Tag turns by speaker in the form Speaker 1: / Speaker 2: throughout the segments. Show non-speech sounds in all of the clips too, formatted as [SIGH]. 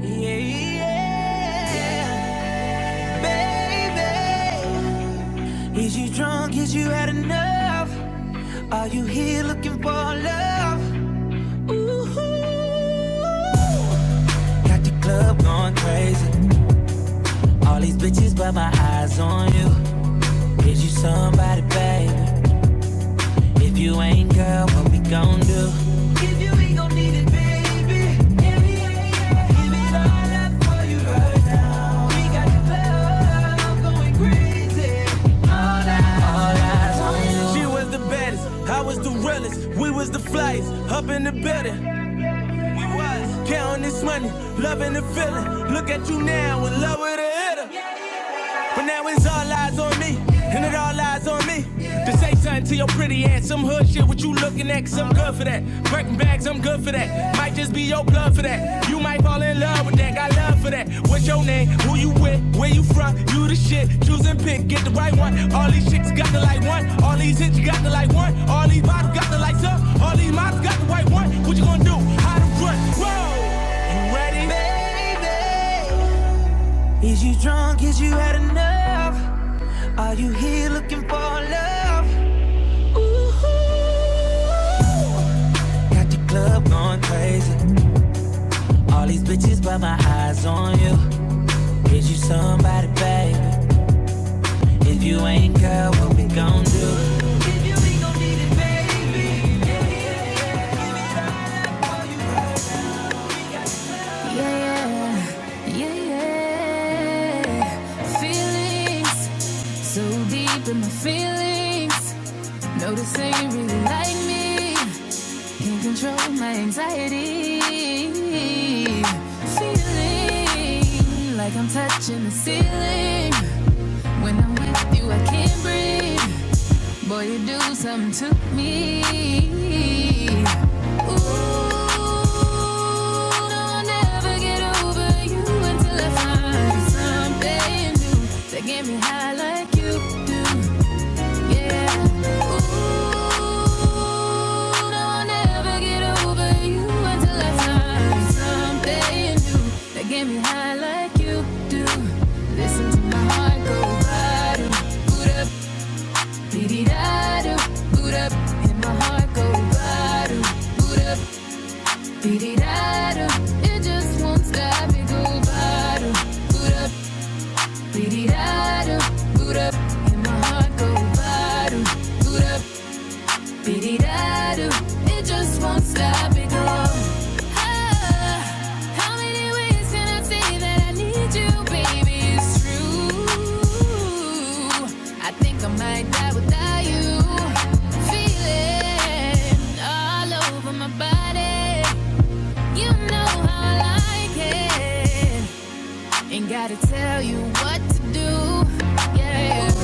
Speaker 1: Yeah, yeah, baby. Is you drunk? Is you had enough? Are you here looking for love? Ooh, got the club going crazy. All these bitches, but my eyes on you. Is you somebody, baby? If you ain't, girl, what we gon' do? If you ain't gon' need it, baby. Yeah, yeah, yeah. Give it all up for you, right? She was the baddest, I was the realest, we was the flyest, up in the building. We was counting this money, loving the feeling. Look at you now, in love with a hitter. But now it's all lies on me, and it all lies on me. To say something to your pretty ass, some hood shit, what you looking at, cause I'm good for that. Breaking bags, I'm good for that. Might just be your blood for that. You might fall in love with that, got love for that. What's your name? Who you with? Where you from? You the shit. Choose and pick, get the right one. All these chicks got the like one. All these hits got the like one. All these bottles got the lights up. All these models got the white one. What you gonna do? How to run? Whoa! You ready? Baby, is you drunk? Is you had enough? Are you here looking for love? Got the club going crazy. All these bitches, but my eyes on you. Is you somebody, baby? If you ain't, girl, what we gon' do? Yeah, yeah, yeah. Feelings so deep in my feelings. No, this ain't really like me. can not control my anxiety. Feeling like I'm touching the ceiling. When I'm with you, I can't breathe. Boy, you do something to me. Ooh, no, I'll never get over you until I find something new that get me high like you do. Yeah. Ooh, no, I'll never get over you until I find something new that get me high like you do. Listen to my heart go bottom, boot up, dee dee da do, boot up, my heart go bottom, boot up, dee dee da do. It just won't go bottom, boot up, dee dee da do, boot up, my heart go bottom, boot up. Dee-dee-da-doo, It just won't stop, it grows. Ah, how many ways can I say that I need you, baby? It's true. I think I might die without you. Feeling all over my body. You know how I like it. Ain't gotta tell you what to do. Yeah. Ooh,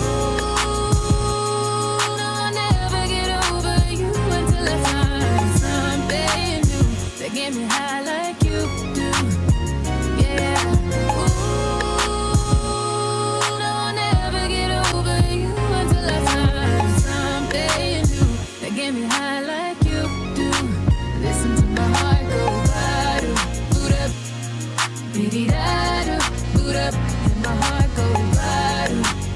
Speaker 1: no, I'll never get over you until I find something new that get me high like you do. Yeah. Ooh, no, I'll never get over you until I find something new that get me high like you do. Listen to my heart go wild. Baby, that boot up and my heart go right.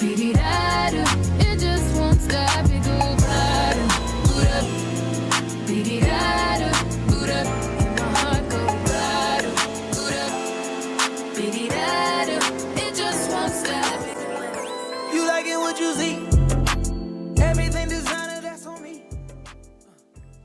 Speaker 1: Baby, that it just won't stop. It go right. Baby, that boot up and my heart go right. Baby, that it just won't stop. You liking what you see? Everything designer that's on me.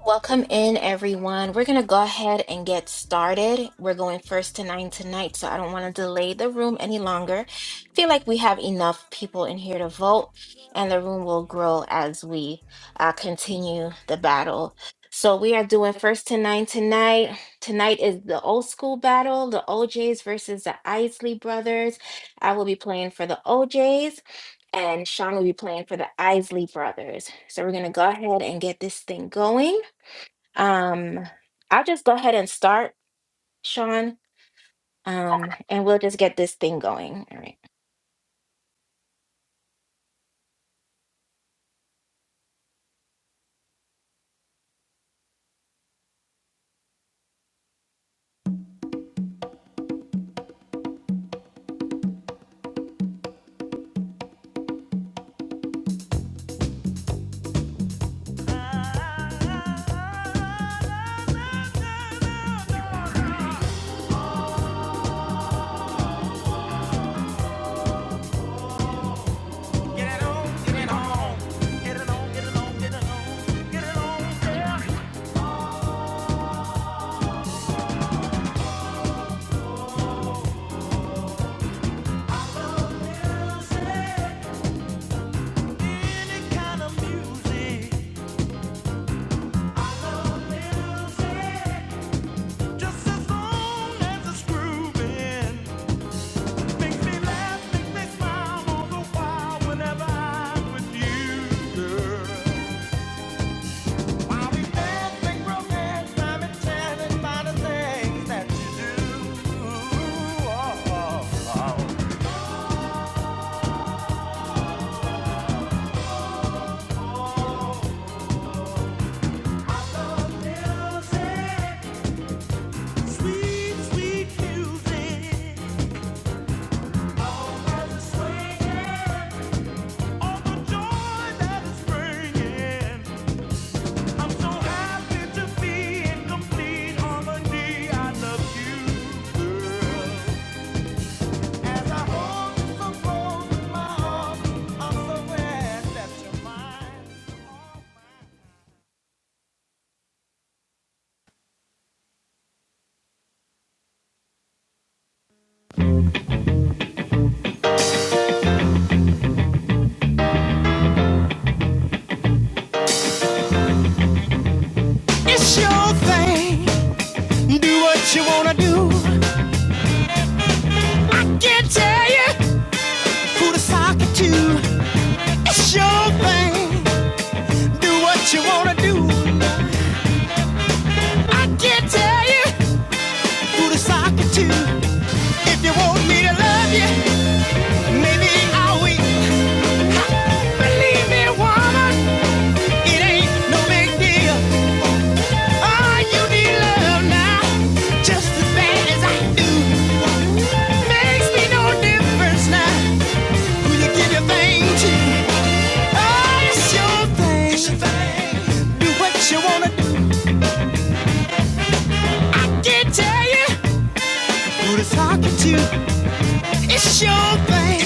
Speaker 2: Welcome in, everyone. We're going to go ahead and get started. We're going first to nine tonight, so I don't want to delay the room any longer. I feel like we have enough people in here to vote, and the room will grow as we uh, continue the battle. So we are doing first to nine tonight. Tonight is the old school battle, the OJs versus the Isley brothers. I will be playing for the OJs. And Sean will be playing for the Isley brothers. So we're going to go ahead and get this thing going. Um, I'll just go ahead and start, Sean, um,
Speaker 3: Okay.
Speaker 2: and we'll just get this thing going. All right.
Speaker 1: Get it on, get it on. Get it on, get it on, get it on. Get it on, yeah. Oh, I love music. Any kind of music. I love music. Just as long as it's grooving. Makes me laugh, makes me smile all the while whenever I'm with you, girl. i am enchanted by the things that you do. Oh, oh, oh. I love music, sweet, sweet music. Always a swinging, all the joy that is bringing. I'm so happy to be in complete harmony. I love you, girl. so so
Speaker 4: It's your thing. Do what you wanna do. I can't tell you who to sock it to. It's your thing. Do what you wanna do. I can't tell you who to sock it to. If you want me to love you, maybe I'll wait. Believe me, woman, it ain't no big deal. Oh, you need love now, just as bad as I do. Makes me no difference now. Will you give your thing to? Oh, it's your thing. It's your thing. Do what you wanna do. I can not tell you who to talk to. It's your thing.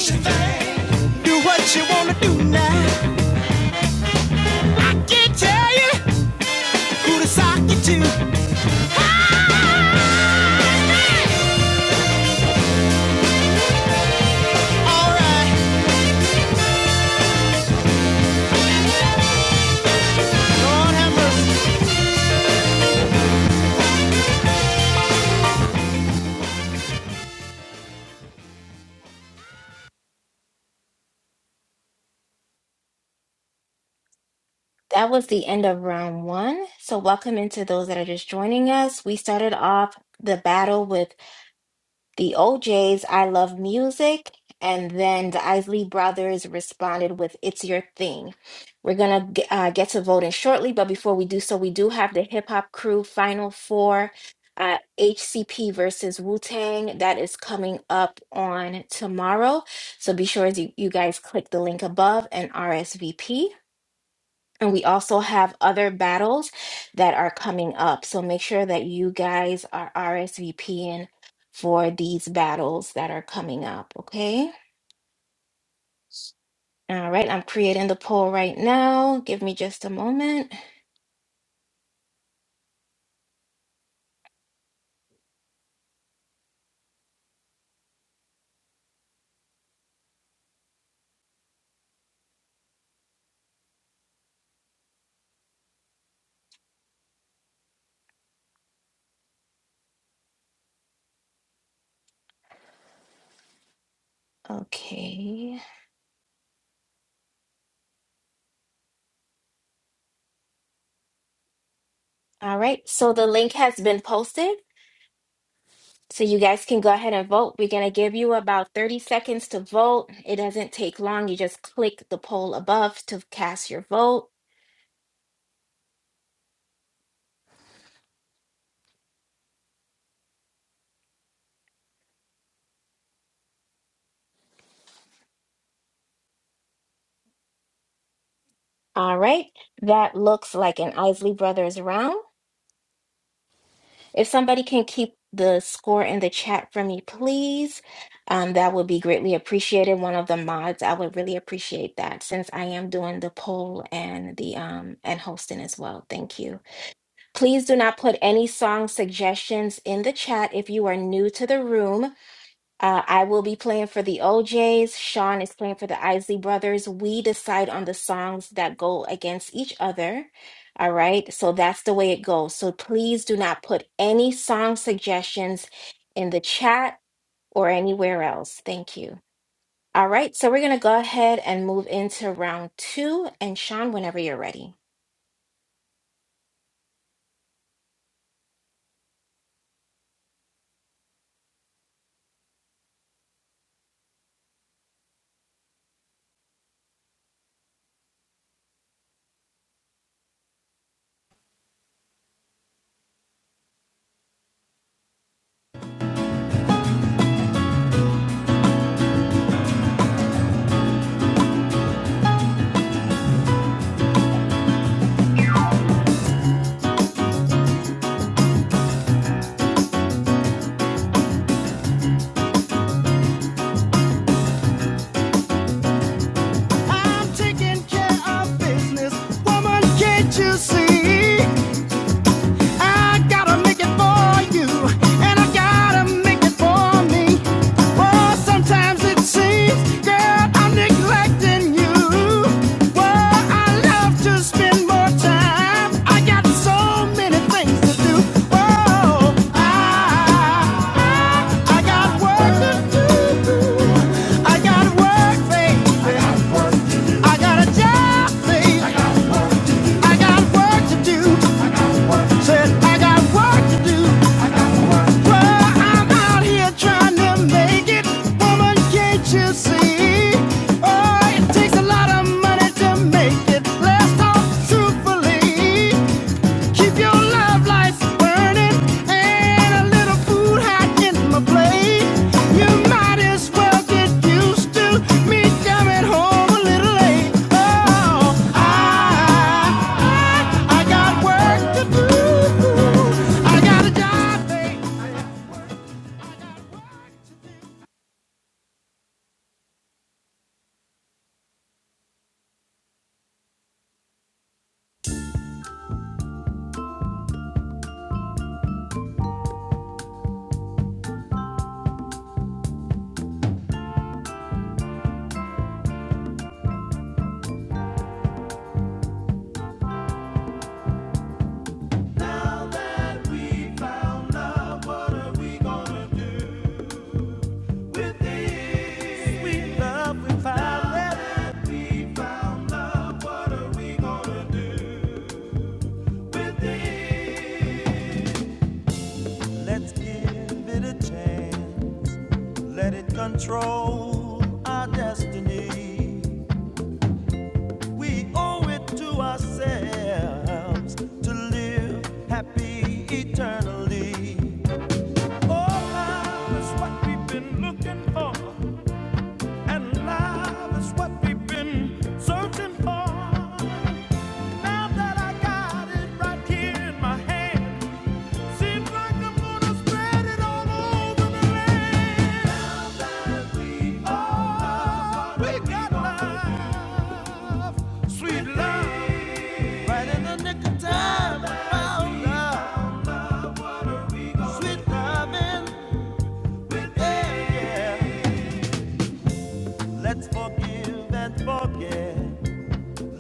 Speaker 4: Do what you wanna do now. I can tell you who to talk to. All right. Lord have mercy.
Speaker 2: That was the end of round one. So, welcome into those that are just joining us. We started off the battle with. The OJ's I Love Music, and then the Isley Brothers responded with It's Your Thing. We're going to uh, get to voting shortly, but before we do so, we do have the hip hop crew final four uh, HCP versus Wu Tang. That is coming up on tomorrow. So be sure as you, you guys click the link above and RSVP. And we also have other battles that are coming up. So make sure that you guys are RSVPing for these battles that are coming up. Okay. All right. I'm creating the poll right now. Give me just a moment. Okay. All right. So the link has been posted. So you guys can go ahead and vote. We're going to give you about 30 seconds to vote. It doesn't take long. You just click the poll above to cast your vote. All right. That looks like an Isley Brothers round. If somebody can keep the score in the chat for me, please, um, that would be greatly appreciated. One of the mods, I would really appreciate that since I am doing the poll and the um and hosting as well. Thank you. Please do not put any song suggestions in the chat if you are new to the room. Uh, I will be playing for the OJs. Sean is playing for the Isley Brothers. We decide on the songs that go against each other. All right. So that's the way it goes. So please do not put any song suggestions in the chat or anywhere else. Thank you. All right. So we're going to go ahead and move into round two. And Sean, whenever you're ready.
Speaker 4: I'm taking care of business. Woman, can't you see? I gotta make it for you, and I gotta make it for me. Oh, sometimes it seems, girl, I'm neglecting you. Well, I love to spend more time. I got so many things to do. Oh, I, I got work to do. I got work, babe. I got a job, babe. I got work to do. Said I got work to do. Well, I'm out here trying to make it. Woman, can't you see? Oh, it takes a lot of money to make it. Let's talk truthfully. Keep your love lights burning and a little food hot in my plate. You might as well get used to me coming home a little late. Oh, I, I, I got work to do. I got a job, babe.
Speaker 1: Now that we found love, what are we gonna do with it? Now that we found love, what are we gonna do with it? Let's give it a chance. Let it control our destiny. We owe it to ourselves to live happy eternally. Oh, love is what we've been looking for, and love is what we've been searching for. Now that I got it right here in my hand, Seems like I'm gonna spread it all over the land. Now that we are, we got love, sweet love, right in the nick of time. Found love, sweet loving, yeah, yeah. Let's forgive and forget.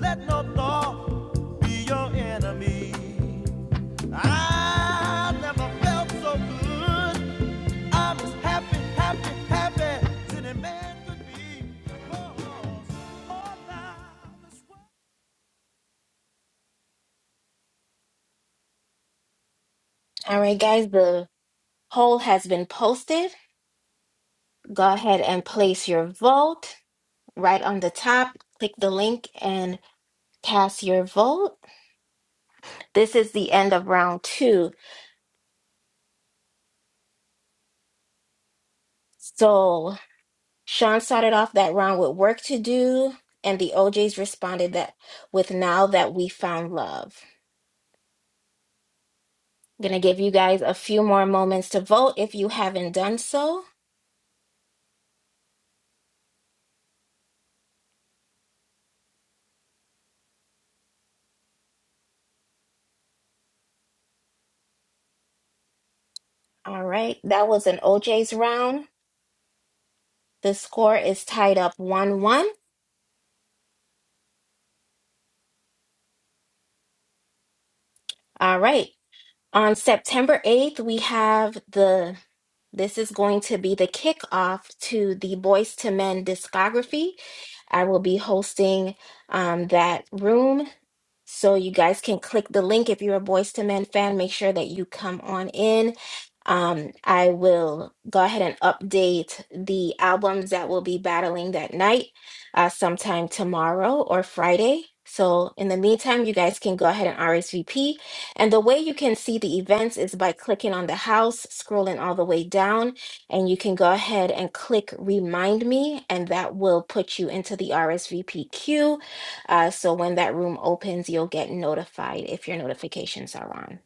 Speaker 1: Let no thought be your enemy. I never felt so good. I'm as happy, happy, happy as any man could be. 'Cause all I was
Speaker 2: All right, guys, the poll has been posted. Go ahead and place your vote right on the top. Click the link and cast your vote. This is the end of round two. So Sean started off that round with work to do, and the OJs responded that with now that we found love. I'm gonna give you guys a few more moments to vote if you haven't done so. All right, that was an OJ's round. The score is tied up 1 1. All right, On September 8th, we have the this is going to be the kickoff to the Boys to Men discography. I will be hosting um, that room. So you guys can click the link if you're a Boys to Men fan. Make sure that you come on in. Um, I will go ahead and update the albums that will be battling that night uh, sometime tomorrow or Friday. So in the meantime, you guys can go ahead and RSVP. And the way you can see the events is by clicking on the house, scrolling all the way down, and you can go ahead and click remind me, and that will put you into the RSVP queue uh, so when that room opens, you'll get notified if your notifications are on.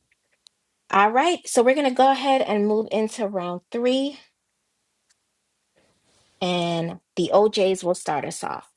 Speaker 2: All right, so we're going to go ahead and move into round three, and the OJs will start us off.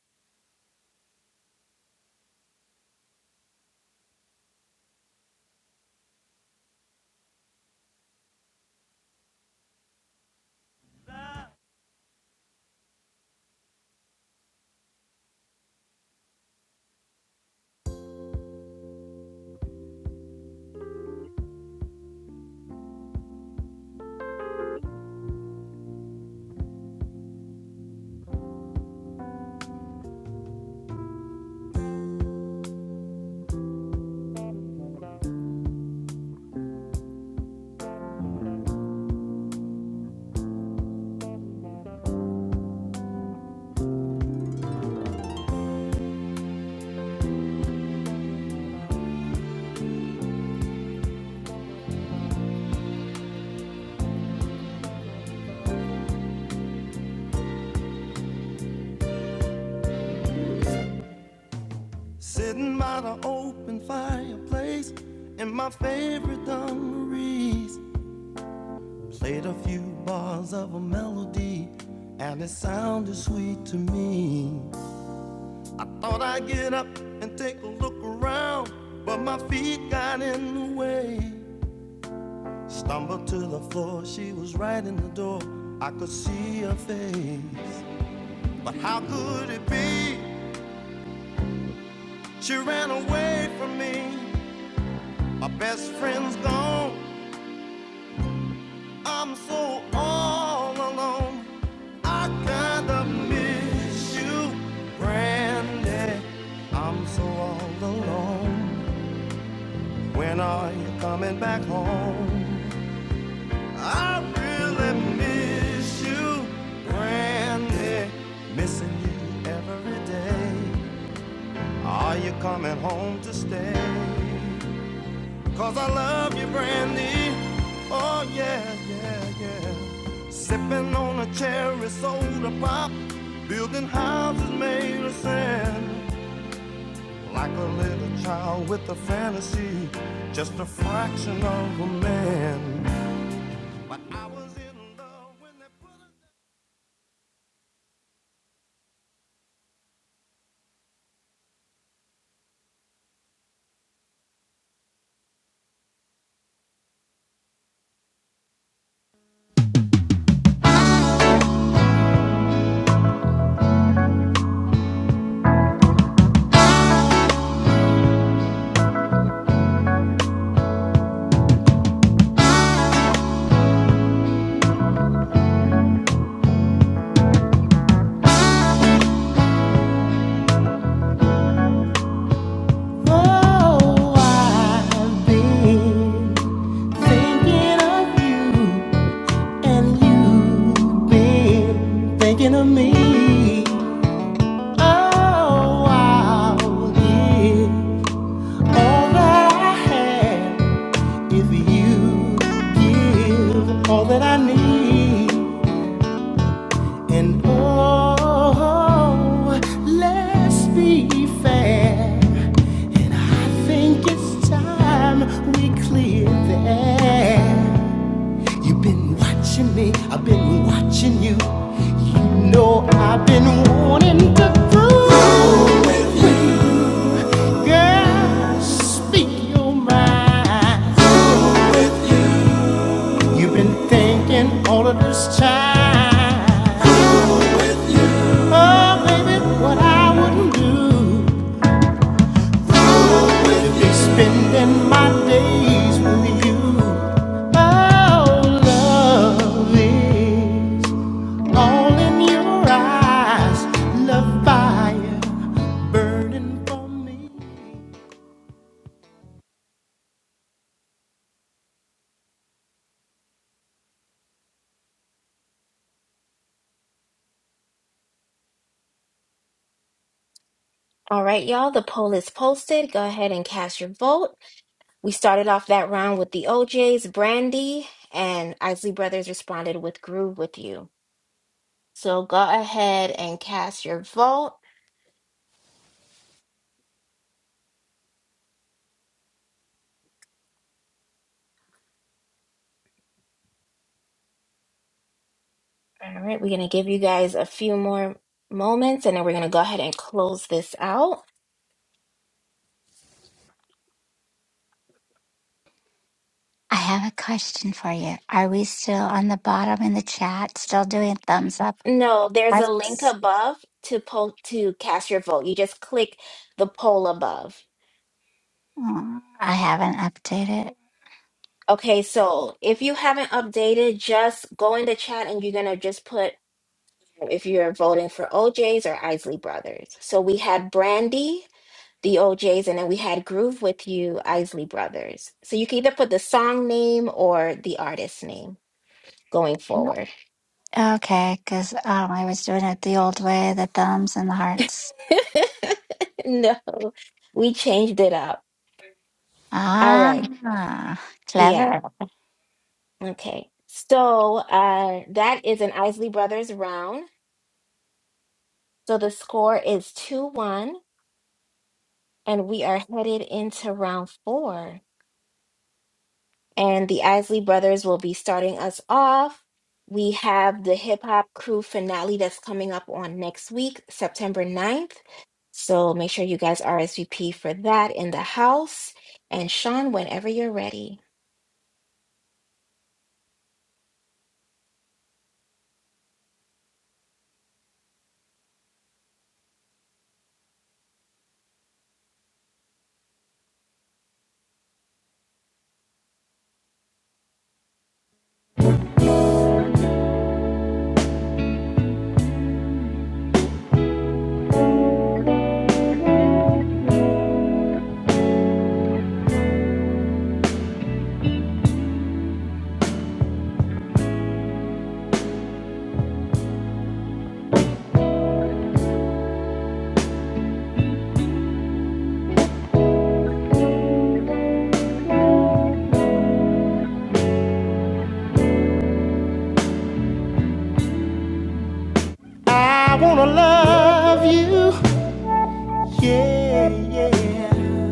Speaker 1: Sitting by the open fireplace in my favorite dungarees. Played a few bars of a melody, and it sounded sweet to me. I thought I'd get up and take a look around, but my feet got in the way. Stumbled to the floor, she was right in the door. I could see her face. But how could it be? She ran away from me. My best friend's gone. I'm so all alone. I kinda miss you, Brandy. I'm so all alone. When are you coming back home? I really miss you, Brandy. Missing you every day. Are you coming home to stay? Cause I love you, Brandy. Oh, yeah, yeah, yeah. Sipping on a cherry soda pop. Building houses made of sand. Like a little child with a fantasy. Just a fraction of a man. But I was in love when they put us.
Speaker 4: Oh, I've been thinking of you, and you've been thinking of me. Oh, I'll give all that I have if you give all that I need. And oh, let's be fair. And I think it's time we clear the air. You've been watching me, I've been watching you. You know I've been wanting to prove. with you. Girl, speak your mind. You've been thinking all of this time. Oh, baby, what I wouldn't do. Spending my days with you. Oh, love is all in your eyes. Love fire burning for me.
Speaker 2: All right, y'all, the poll is posted. Go ahead and cast your vote. We started off that round with the OJs, Brandy, and Isley Brothers responded with Groove with You. So go ahead and cast your vote. All right, we're going to give you guys a few more moments and then we're going to go ahead and close this out.
Speaker 5: I have a question for you. Are we still on the bottom in the chat, still doing thumbs up?
Speaker 2: No, there's a link
Speaker 5: Yes.
Speaker 2: above to poll to cast your vote. You just click the poll above.
Speaker 5: Oh, I haven't updated.
Speaker 2: Okay, so if you haven't updated, just go in the chat and you're going to just put if you're voting for OJs or Isley Brothers. So we had Brandy, the OJs, and then we had Groove with You, Isley Brothers. So you can either put the song name or the artist name going forward.
Speaker 5: Okay, because um, I was doing it the old way, the thumbs and the hearts.
Speaker 2: [LAUGHS] no, we changed it up. All right.
Speaker 5: Ah, clever.
Speaker 2: Yeah. Okay. So uh, that is an Isley Brothers round. So the score is 2 1, and we are headed into round four. and the Isley Brothers will be starting us off. We have the hip hop crew finale that's coming up on next week, September ninth. So make sure you guys RSVP for that in the house. And Sean, whenever you're ready.
Speaker 4: I wanna love you. Yeah, yeah.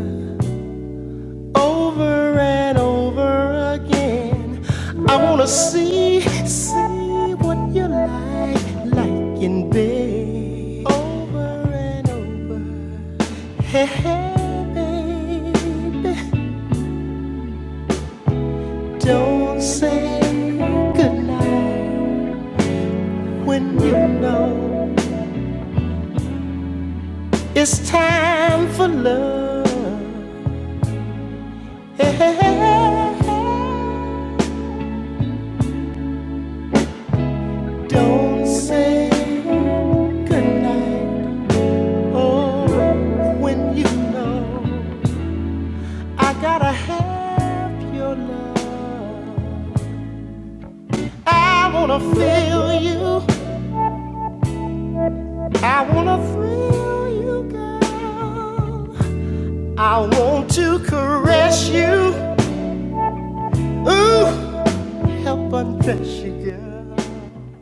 Speaker 4: over and over again. I wanna see, see what you like, like in bed. Over and over. Hey, hey, baby. Don't say goodnight when you know it's time for love. Hey, hey, hey, hey. Don't say goodnight Oh, when you know I gotta have your love. I wanna feel you. I wanna thrill you, girl. I want to caress you. Ooh, help undress you, girl.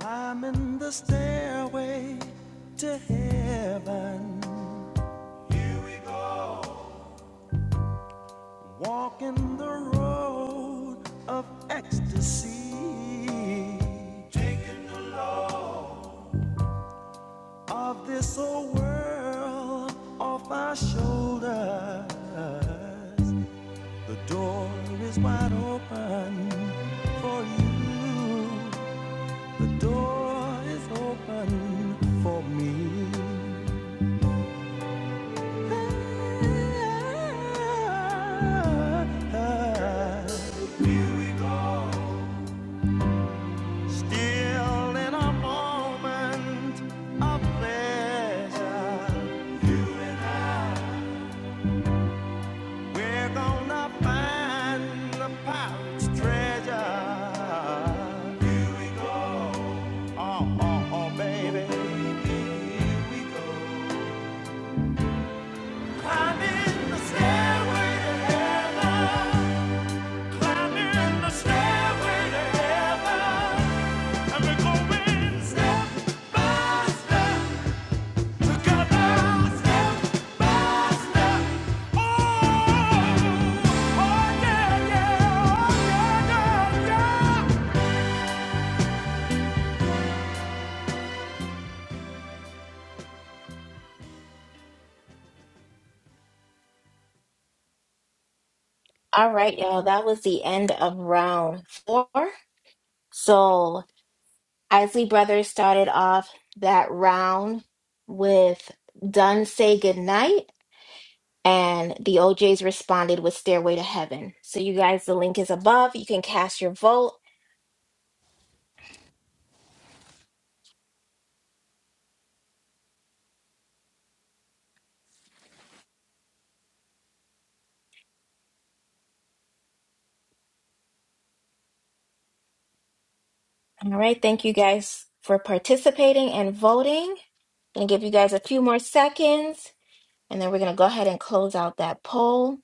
Speaker 1: Climbing the stairway to heaven, walking the road of ecstasy. Taking the load of this old world off my shoulders. The door is wide open for you. The door is open for me. Still in a moment of pleasure, we're gonna find the pirate's treasure. Here we go. Oh, oh, oh, baby. Here we go. Climbing the stairway to heaven. Oh, oh yeah, yeah, oh yeah, yeah, yeah.
Speaker 2: All right, y'all, that was the end of round four. So Isley Brothers started off that round with Done Say Goodnight and the OJs responded with Stairway to Heaven. So, you guys, the link is above. You can cast your vote. All right. Thank you guys for participating and voting. I'm going to give you guys a few more seconds, and then we're going to go ahead and close out that poll.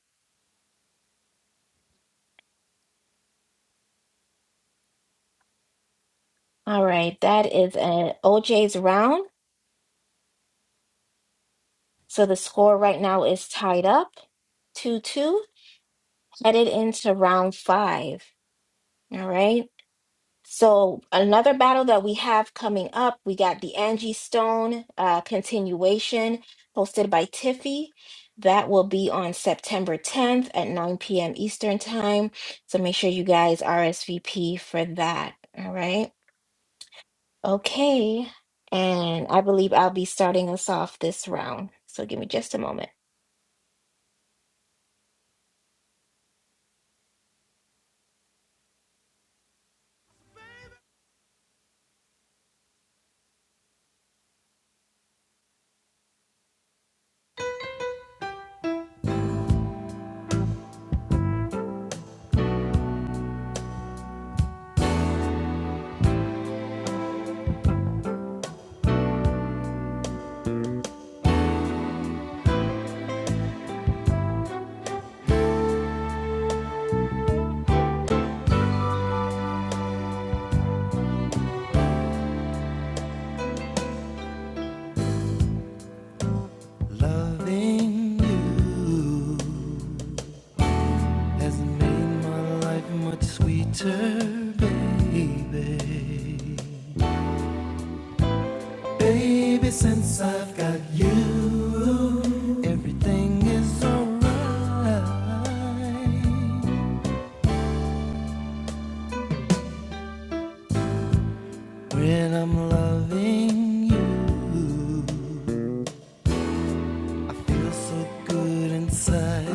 Speaker 2: All right. That is an OJ's round. So, the score right now is tied up 2 2, headed into round five. All right. So another battle that we have coming up, we got the Angie Stone uh, continuation hosted by Tiffy. That will be on September 10th at 9 p.m. Eastern time. So make sure you guys RSVP for that. All right. Okay. And I believe I'll be starting us off this round. So give me just a moment.
Speaker 1: Loving you has made my life much sweeter, baby. Baby, since I've got you, everything is alright. When I'm loving you, I feel so good inside.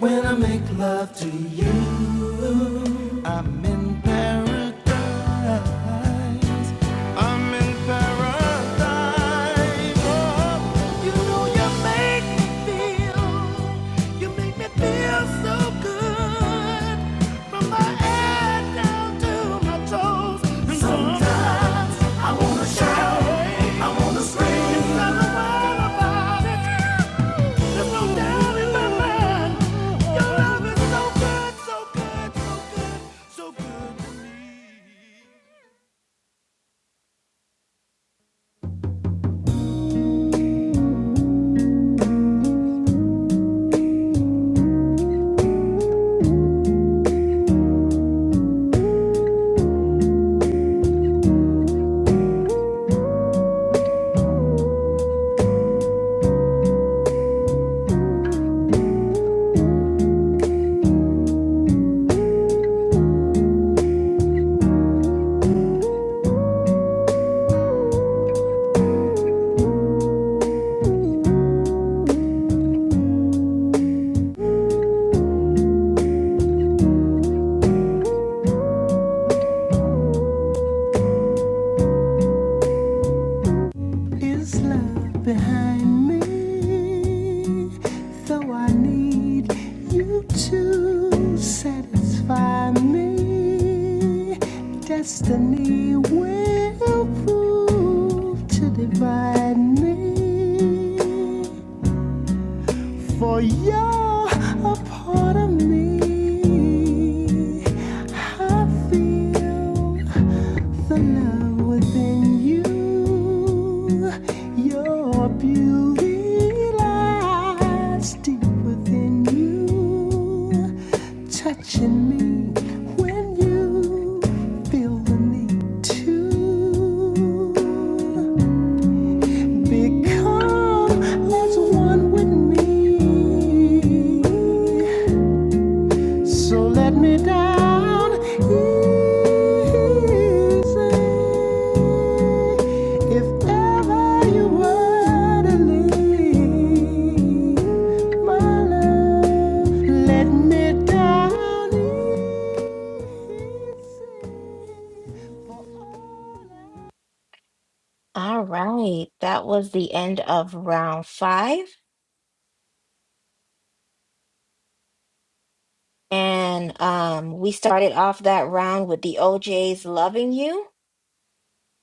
Speaker 1: When I make love to you, I'm in paradise. I'm in paradise. Oh, you know you make me feel, you make me feel so good. From my head down to my toes. And sometimes I wanna shout, I wanna scream. It's not a word about it. There's no doubt in my mind. Your love is so good, so good, so good, so good to me.
Speaker 4: is love behind me? Though I need you to satisfy me, destiny will prove to divide me for you're a part of me. I feel the love within you. Your beauty lies deep within you, touching me when you feel the need to. Become as one with me. So let me down easy. If ever you were to leave, my love, let me down easy. For all I
Speaker 2: All right. That was the end of round five. And um, we started off that round with the OJ's Loving You.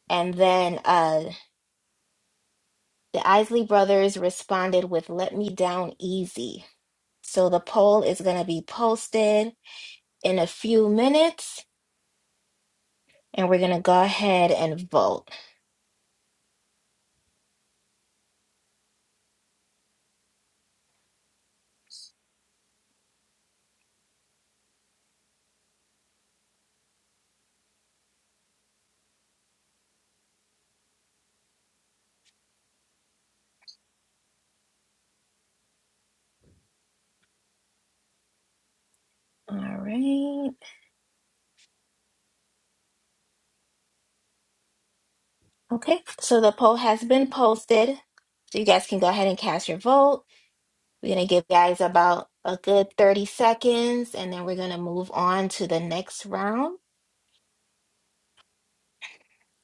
Speaker 2: And then uh, the Isley Brothers responded with Let Me Down Easy. So the poll is going to be posted in a few minutes. And we're going to go ahead and vote. All right. Okay. So the poll has been posted. So you guys can go ahead and cast your vote. We're going to give you guys about a good 30 seconds. And then we're going to move on to the next round.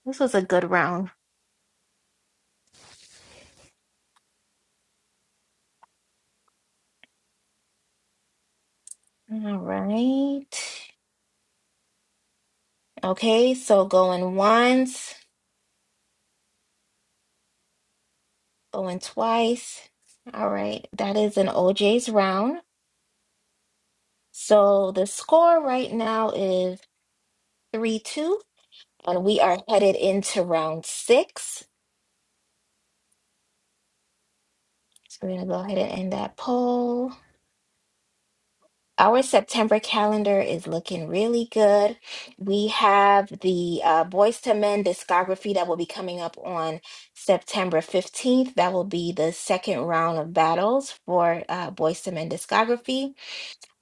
Speaker 2: This was a good round. All right. Okay, so going once, going twice. All right, that is an OJ's round. So the score right now is 3-2, and we are headed into round six. So we're gonna go ahead and end that poll. Our September calendar is looking really good. We have the uh, Boys to Men discography that will be coming up on September 15th. That will be the second round of battles for uh, Boys to Men discography.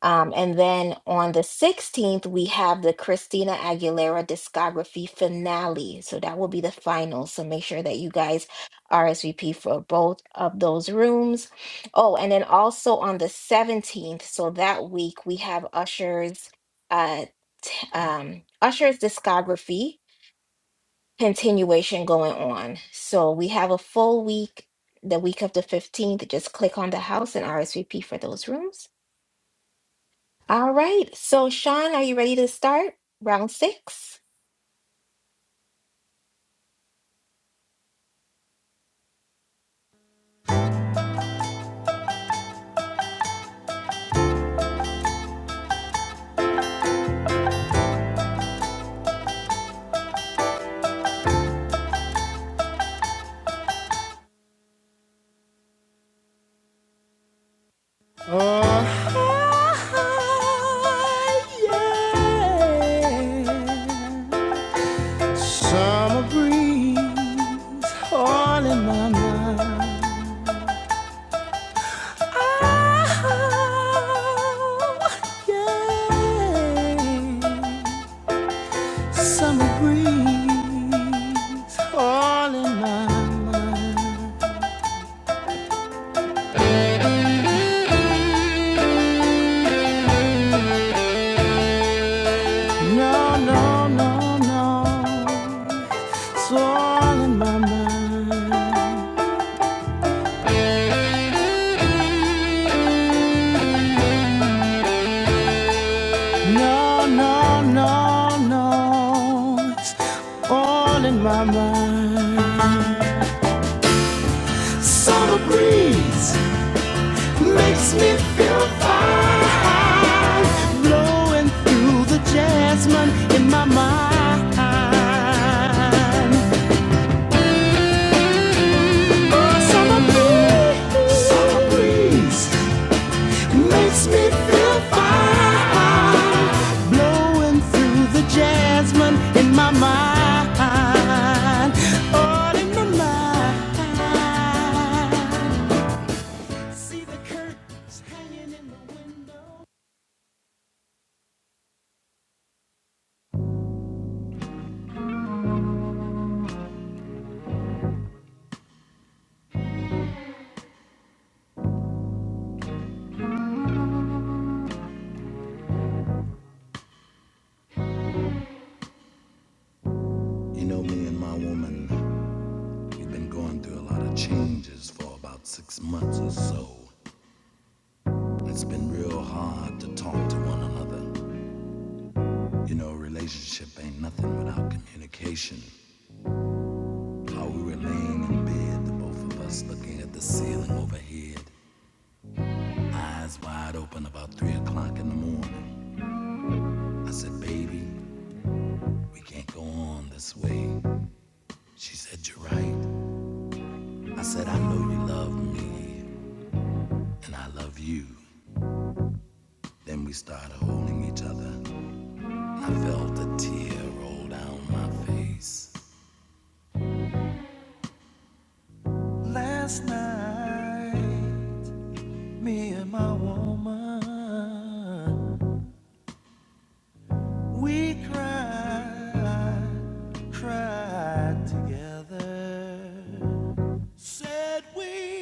Speaker 2: Um, and then on the 16th, we have the Christina Aguilera discography finale. So that will be the final. So make sure that you guys RSVP for both of those rooms. Oh, and then also on the 17th, so that week, we have Usher's uh, t- um, Usher's discography continuation going on. So we have a full week, the week of the 15th. Just click on the house and RSVP for those rooms. All right. So, Sean, are you ready to start round six?
Speaker 4: yeah. Summer breeze all in my mind. Oh, yeah. Summer breeze all in my mind. No, no, no, no. It's all in my mind. No, no, no, no. It's all in my mind. Summer breeze makes me feel fine. Blowing through the jasmine in my mind. Oh, summer breeze. Summer breeze. Makes me feel fine. Blowing through the jasmine in my mind. All in my mind. See the curtains hanging in the window.
Speaker 1: You know, me and my woman, we've been going through a lot of changes for about six months or so. It's been real hard to talk to one another. You know, a relationship ain't nothing without communication. How we were laying in bed, the both of us looking at the ceiling overhead, eyes wide open about three o'clock in the morning. I said, baby, we can't go on this way. She said, you're right. I said, I know you love me and I love you. Then we started holding each other. I felt a tear roll down my face. Last night, me and my woman, we cried, cried together. Said we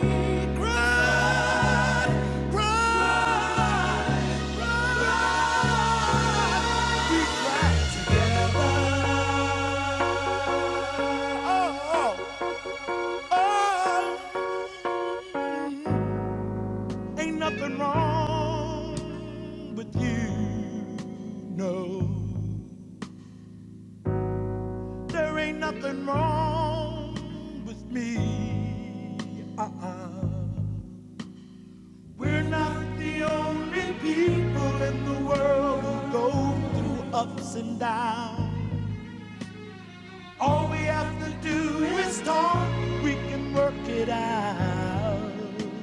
Speaker 1: cried, cried, cried, we cried together. Oh, oh, oh. Ain't nothing wrong with you. No, there ain't nothing wrong with me. Uh-uh. We're not the only people in the world who go through ups and downs. All we have to do is talk, we can work it out.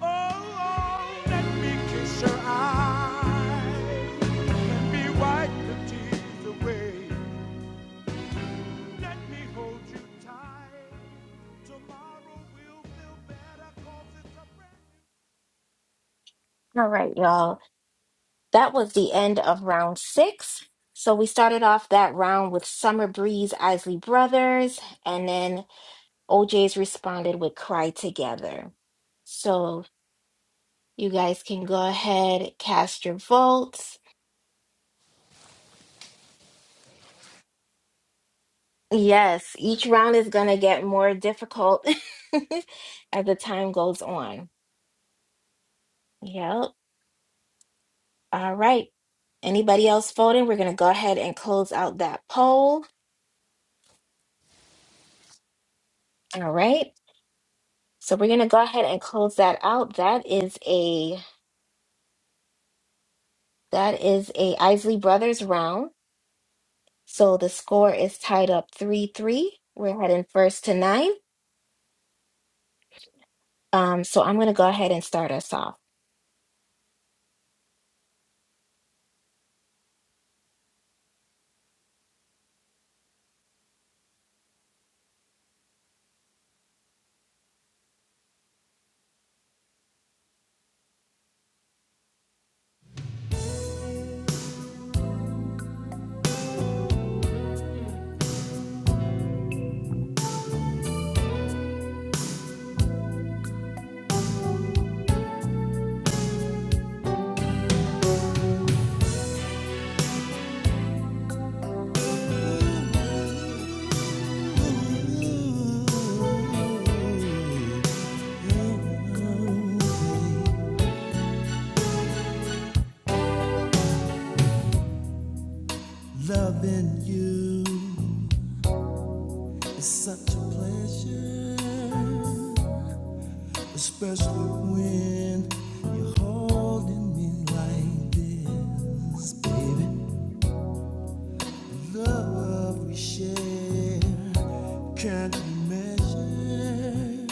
Speaker 1: Oh, oh, let me kiss your eyes. Let me wipe the tears away. Let me hold you tight. Tomorrow will feel better 'cause it's a brand
Speaker 2: All right, y'all. That was the end of round six. So, we started off that round with Summer Breeze, Isley Brothers, and then OJ's responded with Cry Together. So, you guys can go ahead, cast your votes. Yes, each round is going to get more difficult [LAUGHS] as the time goes on. Yep. All right. Anybody else voting? We're going to go ahead and close out that poll. All right. So we're going to go ahead and close that out. That is a that is a Isley Brothers round. So the score is tied up 3-3. We're heading first to 9. Um so I'm going to go ahead and start us off.
Speaker 1: new Loving you is such a pleasure, especially when you're holding me like this, baby. Love we share can't be measured.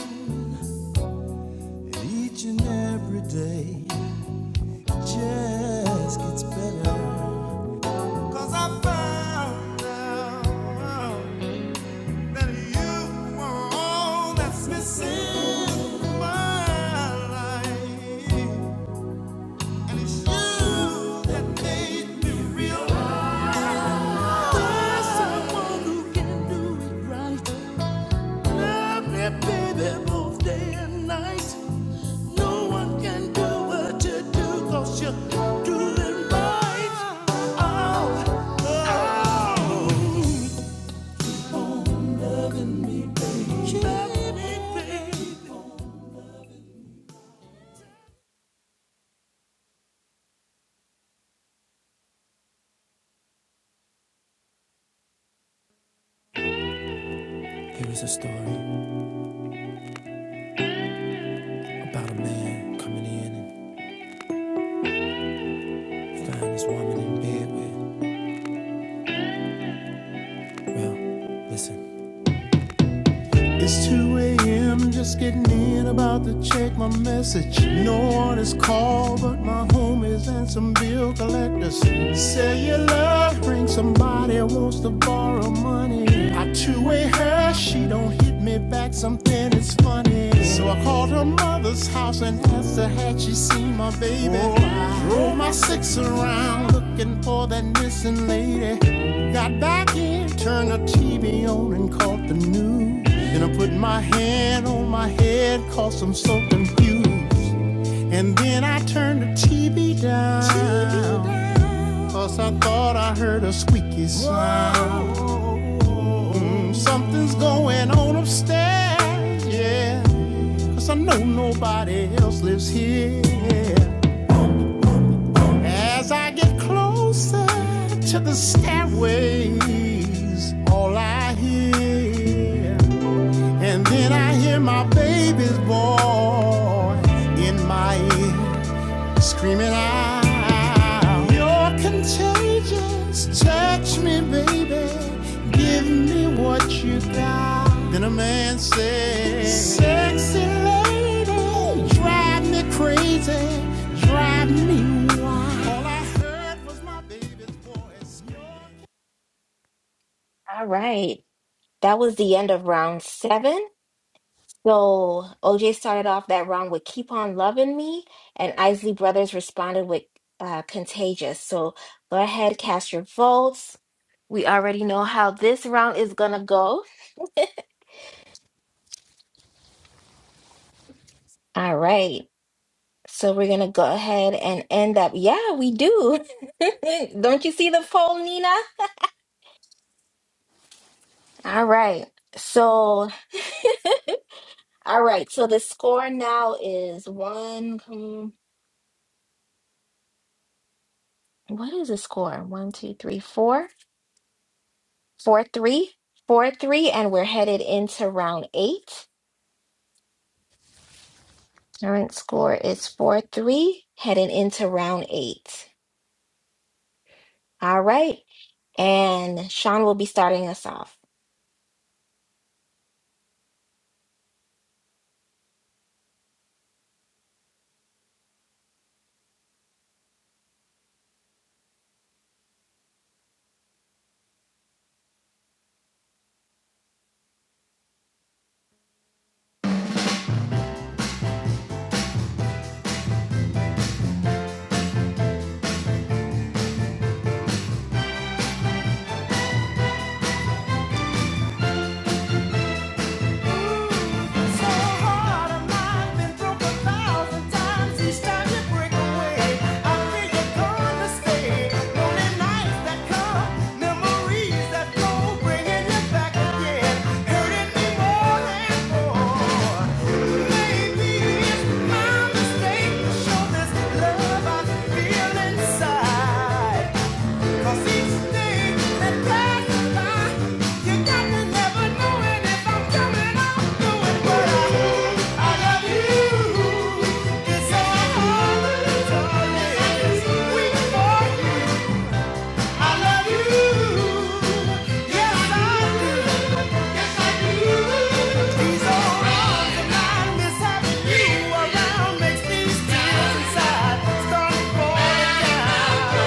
Speaker 1: Each and every day just gets better. 'Cause I found out that you were all that's missing in my life. It's you that made me realize everything.
Speaker 4: Here is a story about a man coming in and finding his woman in bed with. Well, listen. It's 2 a.m. Just getting in about to check my message. No one is called but my homies and some bill collectors. Say your love ring. Somebody wants to borrow money. I two-way her. She don't hit me back. Something is funny. So I called her mother's house and asked her had she seen my baby. Roll my six around looking for that missing lady. Got back in, turned the TV on and caught the news. Then I put my hand on my head i I'm so confused. And then I turned the TV down, T V down. cause I thought I heard a squeaky sound. Mm, something's going on upstairs, yeah. 'Cause I know nobody else lives here. As I get closer to the stairways, all I hear and then I hear my baby's voice in my ear screaming out. You're contagious. Touch me, baby. Give me what you got. Then a man said, Sexy lady, drive me crazy. Drive me wild. All I heard was my baby's voice.
Speaker 2: All right. That was the end of round 7. So OJ started off that round with Keep On Loving Me, and Isley Brothers responded with uh, Contagious. So go ahead, cast your votes. We already know how this round is gonna go. All right. So we're gonna go ahead and end up. Yeah, we do. [LAUGHS] Don't you see the poll, Nina? All right. So, all right. So the score now is one. um, What is the score? One, two, three, four. Four three, four three, and we're headed into round eight. Current score is four three, heading into round eight. All right, and Sean will be starting us off.
Speaker 4: Inside. Around makes these tears inside start falling down.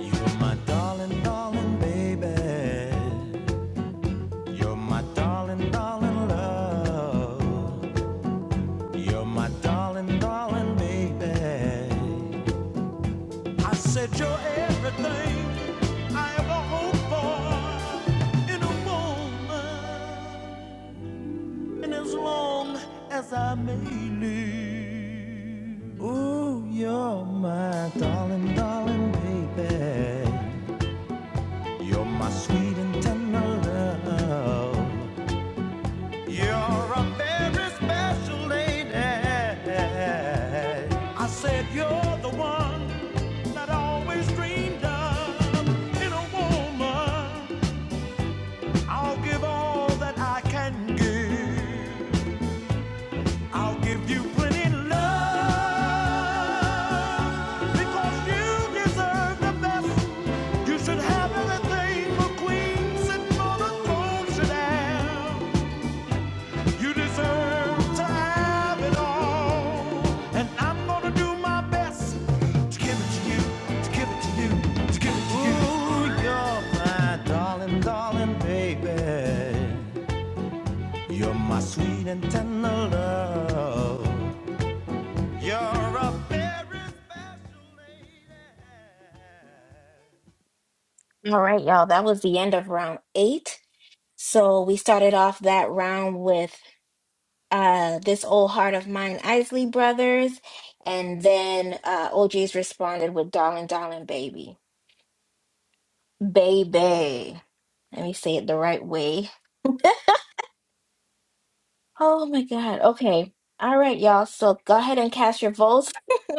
Speaker 1: You were my darling, darling baby. You're my darling, darling love. You're my darling, darling baby. I said you're everything I ever hoped for in a woman, and as long as I may live, ooh, you're my darling, darling baby. You're my sweet and tender love. You're a very special lady. I said you're the one that I always dreamed of. In a woman, I'll give all that I can give. I'll give you plenty love because you deserve the best. You should have everything a queen sitting on a throne should have. You deserve to have it all. And I'm gonna do my best to give it to you, to give it to you, to give it to you. Ooh, you're my darling, darling baby. You're my sweet and tender love. You're a very special lady.
Speaker 2: All right, y'all, that was the end of round eight. So we started off that round with uh this old heart of mine, Isley Brothers, and then uh OJ's responded with Darling Darling Baby. Baby. Let me say it the right way. [LAUGHS] Oh my God. Okay. All right, y'all. So go ahead and cast your votes. [LAUGHS]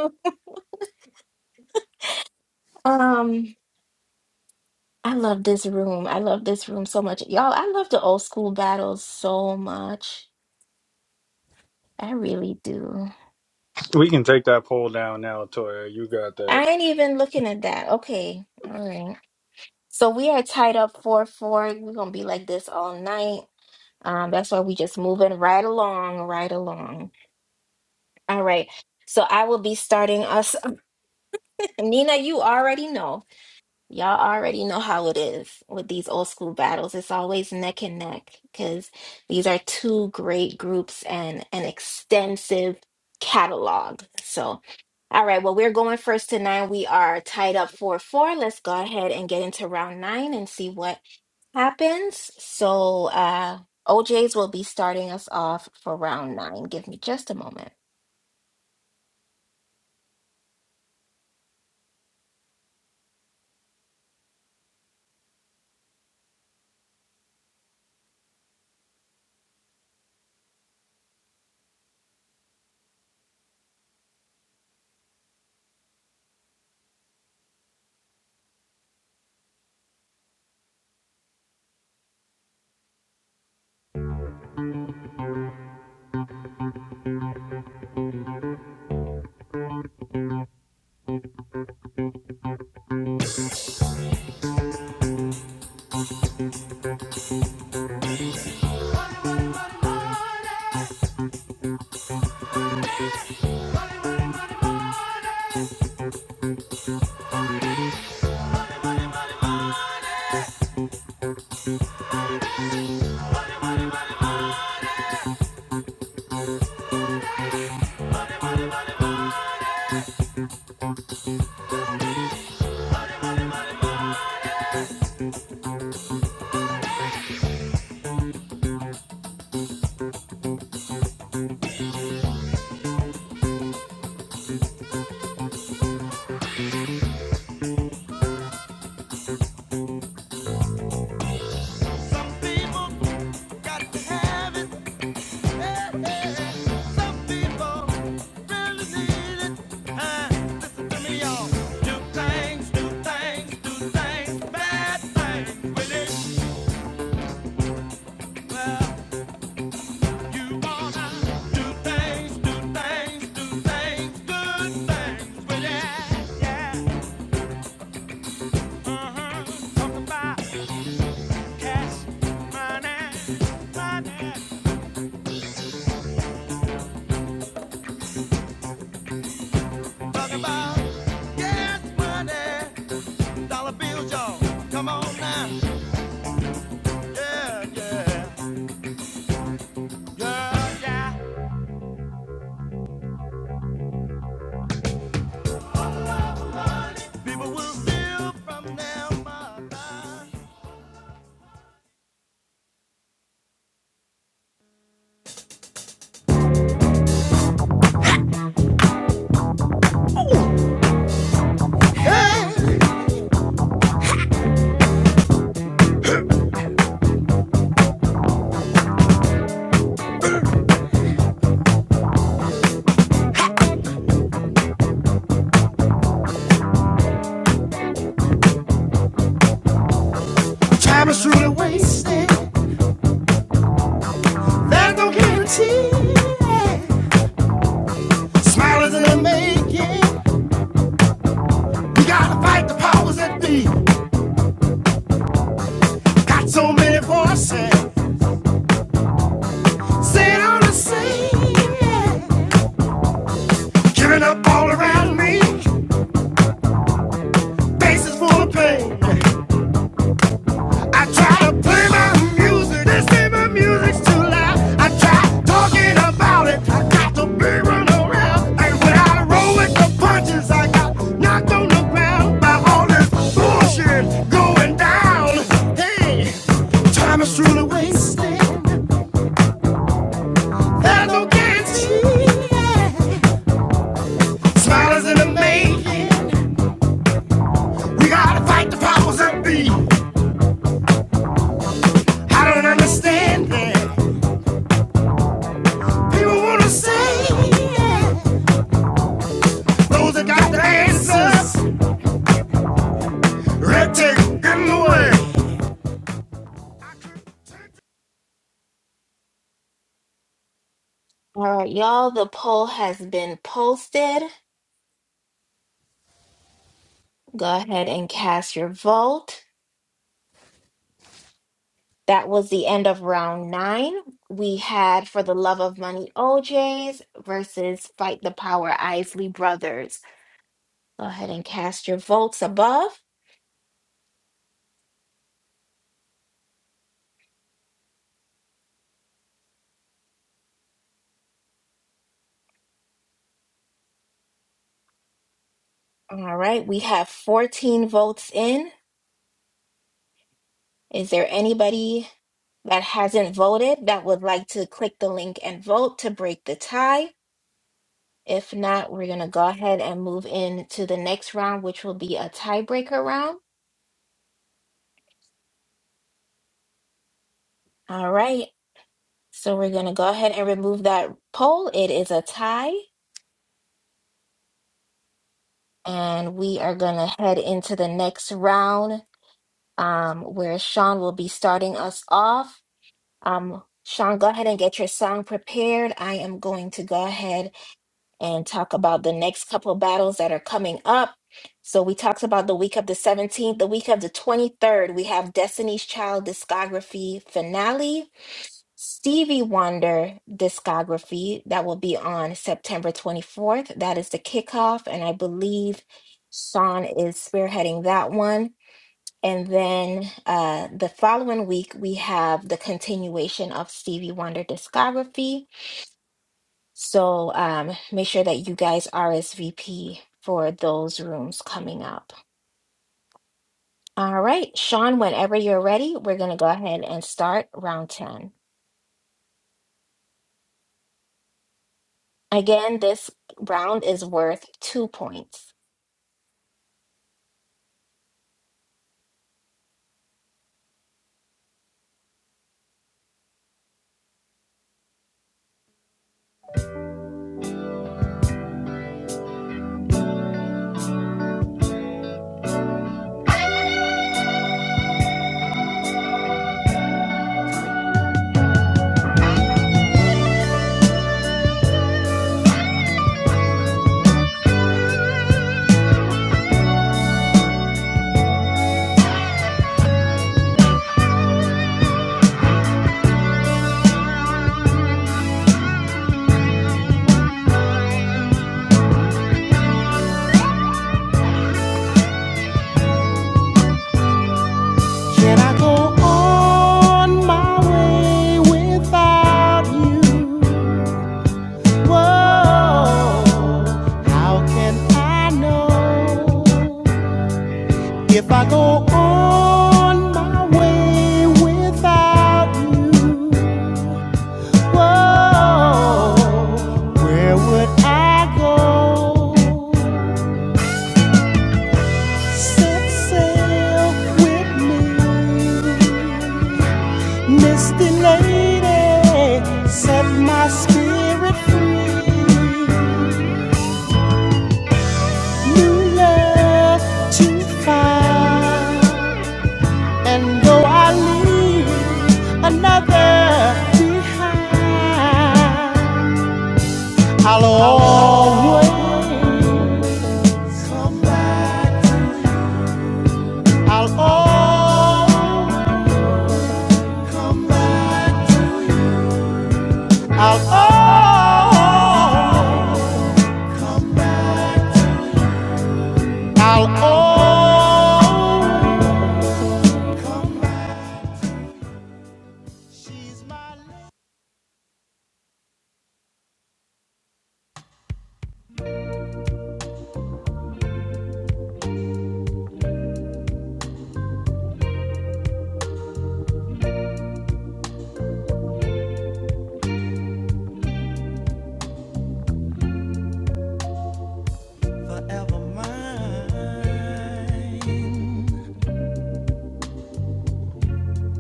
Speaker 2: Um, I love this room. I love this room so much. Y'all, I love the old school battles so much. I really do.
Speaker 3: We can take that poll down now, Toya. You got that.
Speaker 2: I ain't even looking at that. Okay. All right. So we are tied up 4-4. We're gonna be like this all night. Um, that's why we just moving right along, right along. All right. So I will be starting us. [LAUGHS] Nina, you already know. Y'all already know how it is with these old school battles. It's always neck and neck because these are two great groups and an extensive catalog. So, all right, well, we're going first to nine. We are tied up 4 4. Let's go ahead and get into round nine and see what happens. So, uh, OJ's will be starting us off for round nine. Give me just a moment.
Speaker 1: Some people got to have it. Yes, money, dollar bills, y'all. Come on now. Yeah, yeah, yeah, yeah. People will steal from their mother.
Speaker 4: Time is truly wasted. There's no guarantee. Smile is in the making. We gotta fight the powers that be. Got so many voices. Sit on the scene. Giving up all around me. Faces full of pain. I try to play my music, they say my music's too loud. I try talking about it, I got the big run around. And when I roll with the punches, I got knocked on the ground by all this bullshit going down. Hey, time is truly wasted. There's no guarantee. Smile is in the making. We gotta fight the powers that be. I don't understand it. People wanna say. yeah. Those that got the answers, red tape in the way.
Speaker 2: All right, y'all, the poll has been posted. Go ahead and cast your vote. That was the end of round nine. We had For the Love of Money OJs versus Fight the Power Isley Brothers. Go ahead and cast your votes above. All right, we have 14 votes in. Is there anybody that hasn't voted that would like to click the link and vote to break the tie? If not, we're going to go ahead and move into the next round, which will be a tiebreaker round. All right, so we're going to go ahead and remove that poll. It is a tie. and we are going to head into the next round um, where Sean will be starting us off. Um, Sean, go ahead and get your song prepared. I am going to go ahead and talk about the next couple battles that are coming up. So, we talked about the week of the 17th, the week of the 23rd, we have Destiny's Child discography finale. Stevie Wonder discography that will be on September 24th. That is the kickoff, and I believe Sean is spearheading that one. And then uh, the following week, we have the continuation of Stevie Wonder discography. So um, make sure that you guys RSVP for those rooms coming up. All right, Sean, whenever you're ready, we're going to go ahead and start round 10. Again, this round is worth two points.
Speaker 4: Can I go on my way without you? Whoa, how can I know if I go on my way without you? Whoa, where would I go? Set sail with me, misty lady. Set my spirit free. New love to find, and though I leave another behind, I'll always come back. I'll always. come back. I'll oh, I'll oh,
Speaker 1: Forever mine.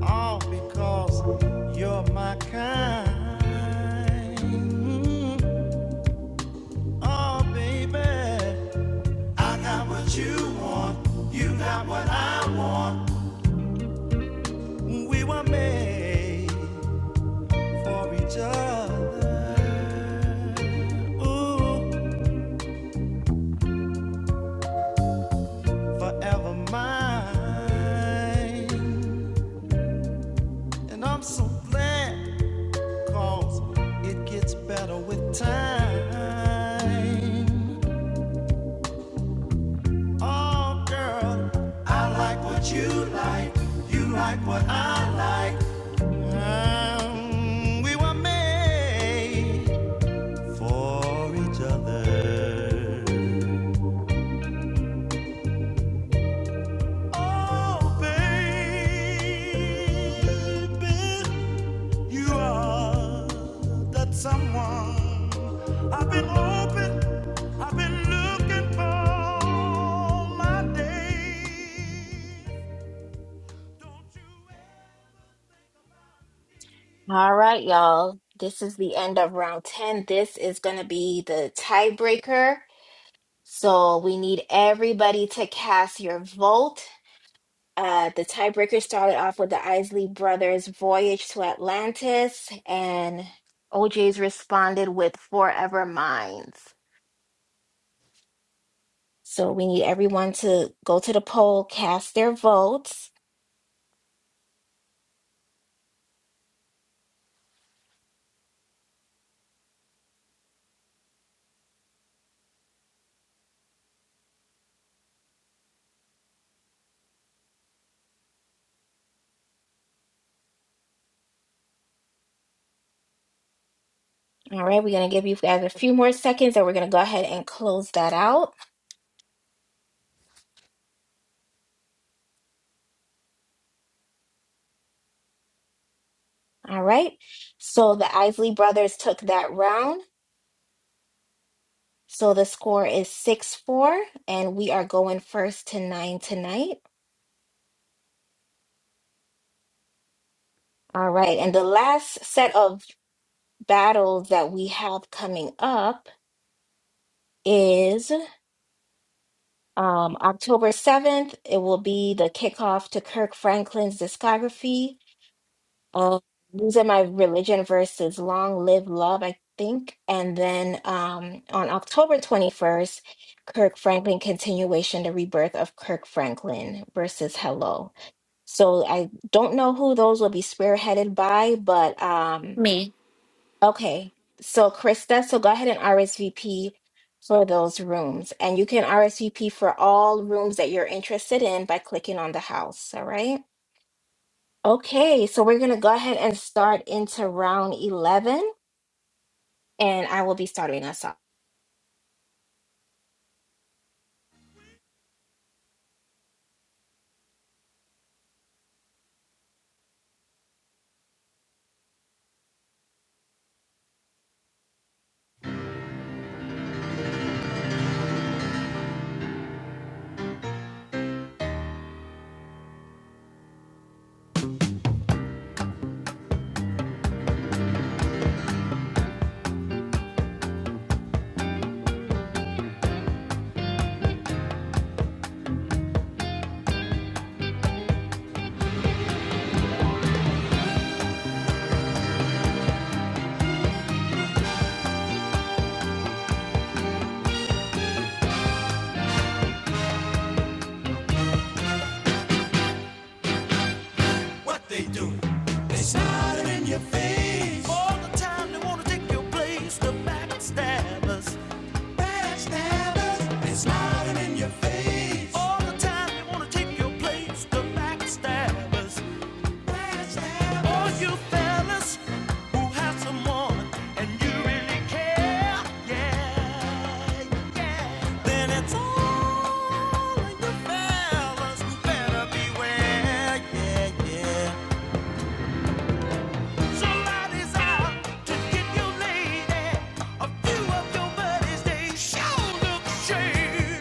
Speaker 1: All because you're my kind. Mm. Oh, baby. I got what you want. You got what I want. We were made for each other. Ooh. forever mine. And I'm so glad because it gets better with time. Oh, girl, I like what you like. You like what I like. Um, we were made for each other. Oh, baby. You are that someone I've been hoping, I've been looking for all my days. Don't you ever-
Speaker 2: All right, y'all. This is the end of round 10. This is going to be the tiebreaker. So we need everybody to cast your vote. Uh, the tiebreaker started off with the Isley brothers' voyage to Atlantis, and OJ's responded with Forever Minds. So we need everyone to go to the poll, cast their votes. All right, we're going to give you guys a few more seconds and we're going to go ahead and close that out. All right. So the Isley brothers took that round. So the score is 6 4, and we are going first to nine tonight. All right. And the last set of battles that we have coming up is um, October 7th. It will be the kickoff to Kirk Franklin's discography. Oh, losing my religion versus long live love, I think. And then um, on October 21st, Kirk Franklin continuation, the rebirth of Kirk Franklin versus Hello. So I don't know who those will be spearheaded by, but um,
Speaker 6: Me,
Speaker 2: okay. So Krista, so go ahead and RSVP for those rooms. And you can RSVP for all rooms that you're interested in by clicking on the house. All right. Okay, so we're going to go ahead and start into round 11, and I will be starting us off.
Speaker 1: What they do? They slide 'em in your face all the time. They wanna take your place. The backstabbers, backstabbers. They slide 'em in your face all the time. They wanna take your place. The backstabbers. All you fellas who have someone and you really care, yeah, yeah. Then it's all in you fellas who better beware, yeah, yeah. Somebody's out to get you, lady. A few of your buddies, they sure look shady.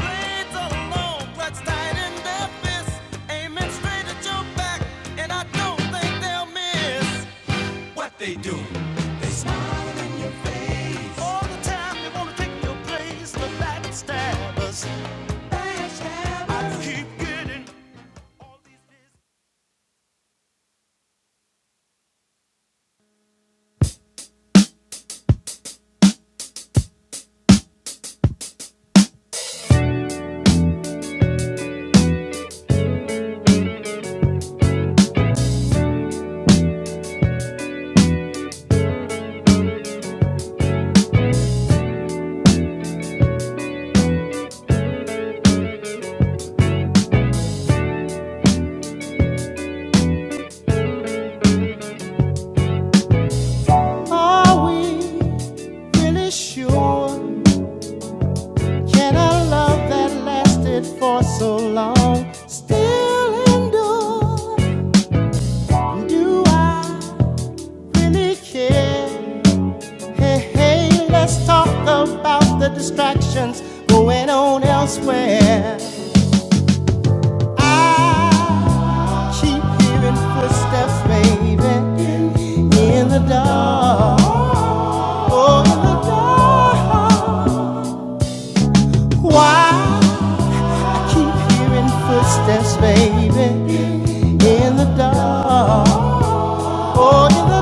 Speaker 1: Blades are long, clutched tight in their fists, aiming straight at your back, and I don't think they'll miss. What they do, they smile in your face. All the time, they wanna take your place, but backstabbers. Backstabbers. I keep getting all these.
Speaker 4: are we really sure? Can a love that lasted for so long still endure? Do I really care? Hey, hey, let's talk about the distractions going on elsewhere. I keep hearing footsteps, baby, in the dark. Oh, in the dark. Why? I keep hearing footsteps, baby, in the dark. Oh, in the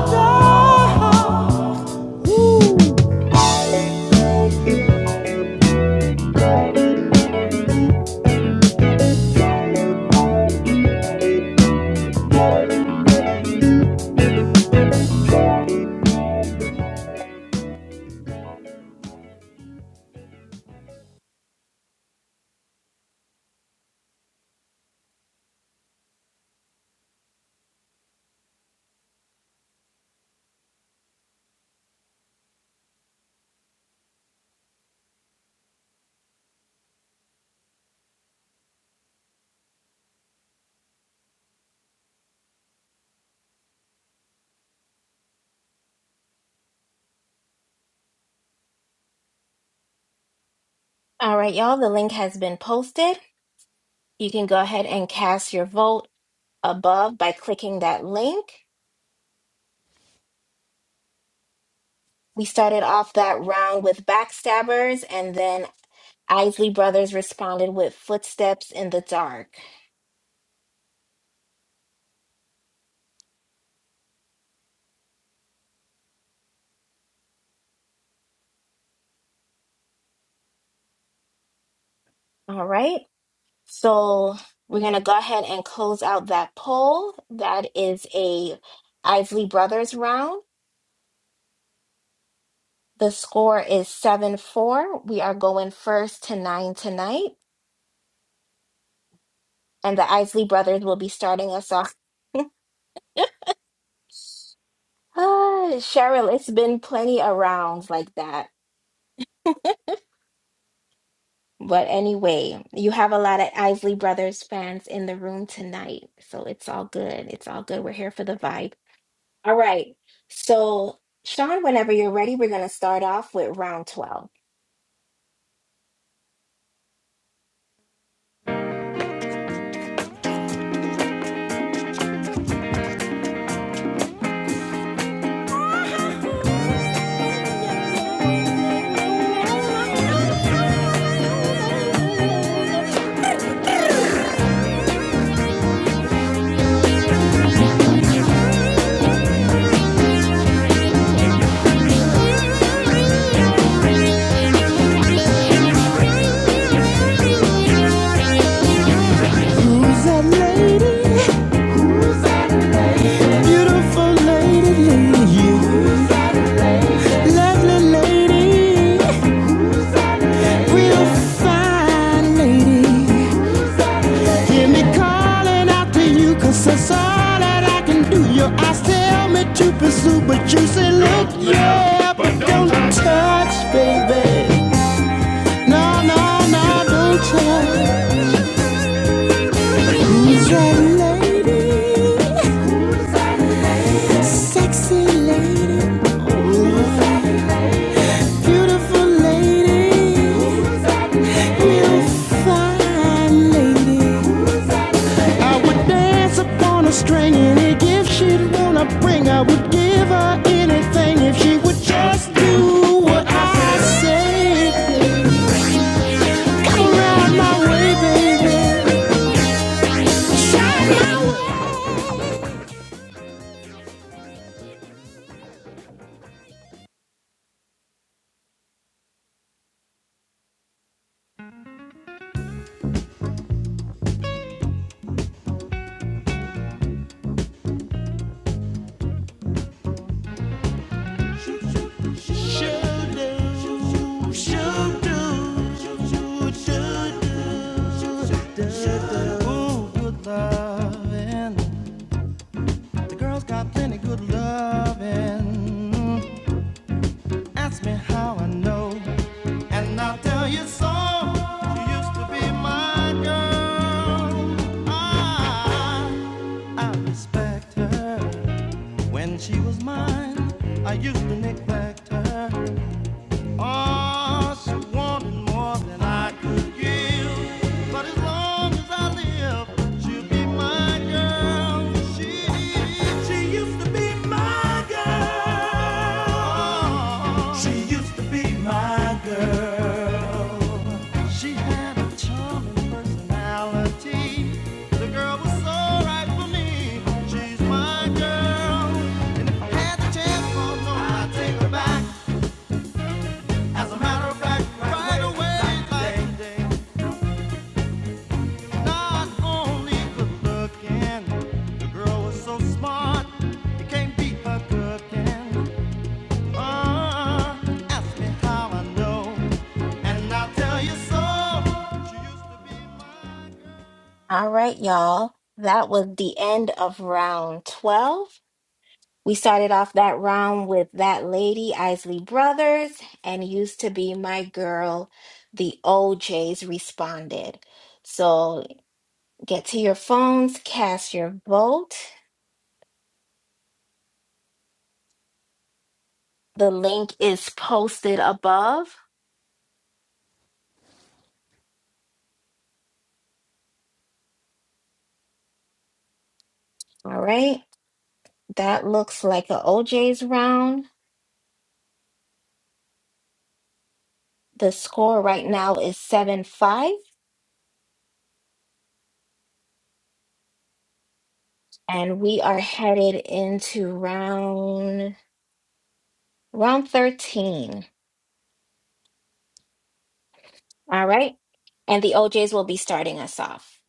Speaker 2: All right, y'all, the link has been posted. You can go ahead and cast your vote above by clicking that link. We started off that round with backstabbers, and then Isley Brothers responded with footsteps in the dark. All right. So we're going to go ahead and close out that poll. That is a Isley Brothers round. The score is 7 4. We are going first to nine tonight, and the Isley Brothers will be starting us off. [LAUGHS] Ah, Cheryl, it's been plenty of rounds like that. But anyway, you have a lot of Isley Brothers fans in the room tonight, so it's all good. It's all good. We're here for the vibe. All right. So, Sean, whenever you're ready, we're going to start off with round 12.
Speaker 4: dark. Ooh. Who's that lady? Beautiful lady, lady. Lovely lady. Real fine lady. Hear me calling out to you, 'cause that's all that I can do. Your eyes tell me to pursue, but you say, look, yeah, but don't touch, baby. No, no, no, don't touch. Who's that lady? Sexy lady. Beautiful lady. Real fine lady. I would dance upon a string, any gift she'd wanna bring. I would give her anything if she would just do what I say. Come round my way, baby. Shine my way.
Speaker 1: Do do do Ooh, good lovin'. The girls got plenty good lovin'. Ask me how I know, and I'll tell you so. She used to be my girl. I, I respect her. When she was mine, I used to neglect her. Us wanting more than I could give. But as long as I live, she'll be my girl. She, she used to be my girl. She used to be my girl. She had a charming personality. The girl was so right for me. She's my girl. Had the chance, oh no, I take her back. As a matter of fact, right away, like day. Not only good looking, the girl was so smart, you can't beat her cooking. Uh, ask me how I know, and I'll tell you so.
Speaker 2: All right, y'all. That was the end of round 12. We started off that round with that lady, Isley Brothers, and used to be my girl, the OJs responded. So get to your phones, cast your vote. The link is posted above. All right. That looks like a OJs round. The score right now is 7 5, and we are headed into round round 13. All right. And the OJs will be starting us off.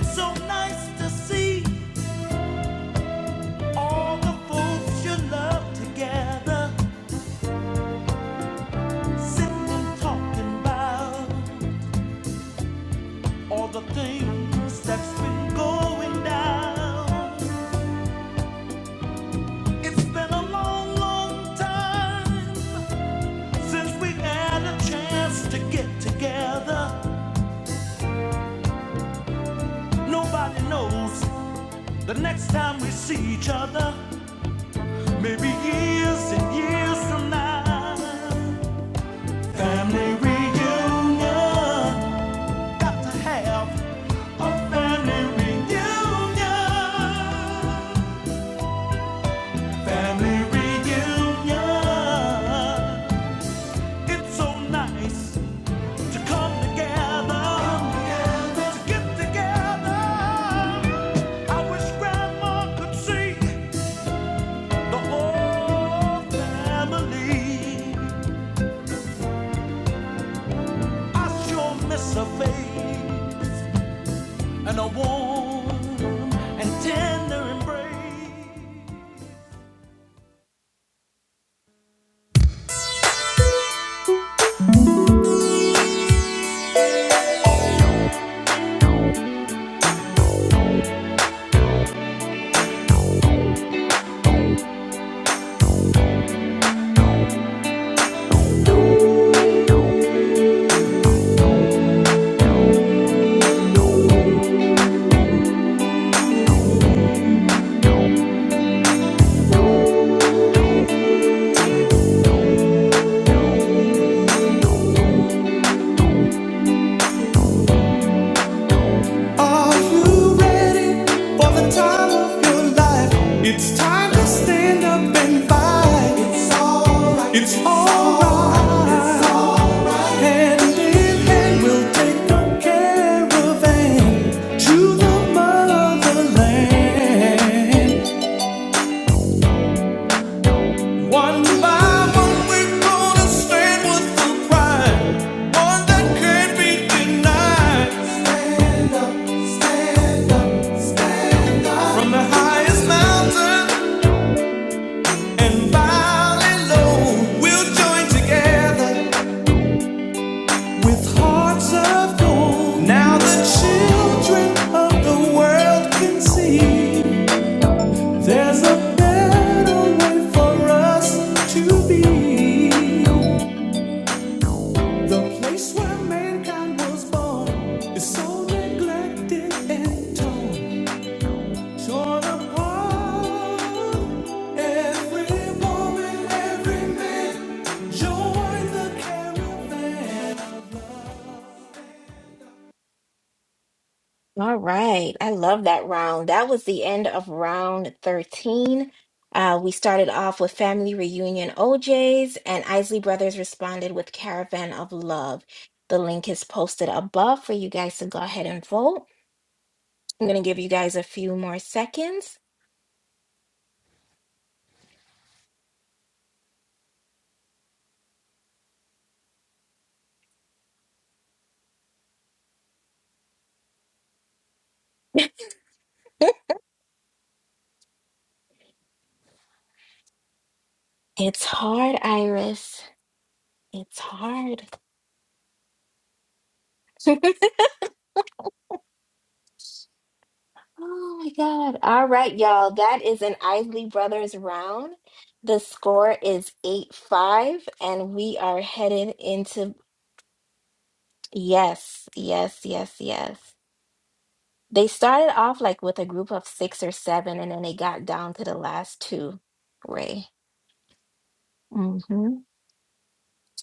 Speaker 1: It's so nice to see all the folks you love together, sitting talking about all the things that's been going down. It's been a long, long time since we had a chance to get together. Nobody knows the next time we see each other, maybe years and years from now. Family reunion, got to have a family reunion. Family reunion, it's so nice to come together, to get together. I wish Grandma could see the whole family. I sure miss her face and a warm and tender embrace.
Speaker 4: Are you ready for the time of your life? It's time to stand up and fight. It's alright. It's alright. Hand in hand, we'll take no caravan to the motherland. One by one, we're gonna stand with the pride, one that can't be denied. Stand up, stand up, stand up. From the highest mountain and valley low, we'll join together. With hearts of gold, now the children of the world can see there's a better way for us to be. The place where mankind was born is so neglected and torn, torn apart. Every woman, every man, join the caravan of love.
Speaker 2: All right. I love that round. That was the end of round 13. Uh, we started off with Family Reunion OJs, and Isley Brothers responded with Caravan of Love. The link is posted above for you guys to go ahead and vote. I'm going to give you guys a few more seconds. [LAUGHS] It's hard, Iris. It's hard. [LAUGHS] Oh my God. All right, y'all. That is an Isley Brothers round. The score is 8-5, and we are headed into yes, yes, yes, yes. They started off like with a group of six or seven, and then they got down to the last two, Ray. hmm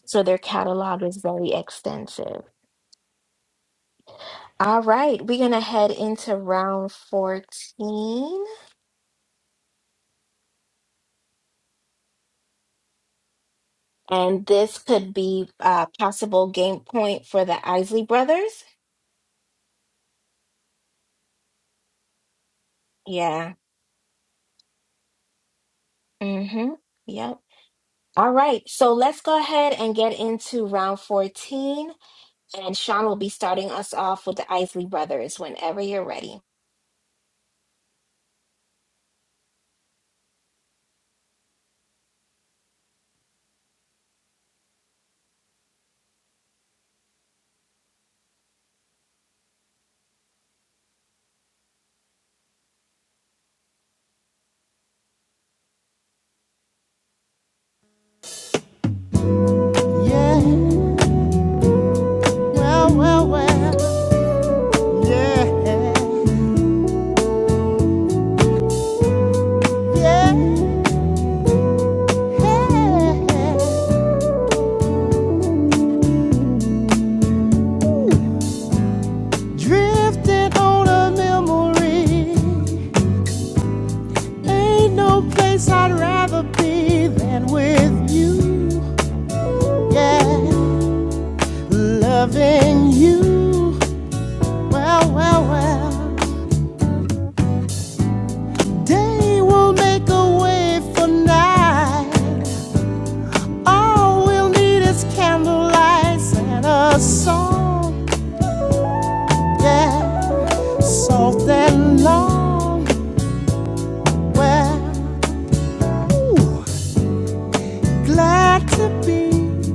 Speaker 2: So their catalog is very extensive. All right, we're gonna head into round 14. And this could be a possible game point for the Isley brothers. Yeah. Mm-hmm. Yep. All right. So let's go ahead and get into round 14. And Sean will be starting us off with the Isley brothers whenever you're ready.
Speaker 4: Yeah. Well, well, well. Yeah. Yeah. yeah. Drifting on a memory. Ain't no place I'd rather be than with you. Yeah. Loving you. Well, well, well. Day will make a way for night. All we'll need is candlelight and a song, yeah, soft and long. Well, ooh, glad to be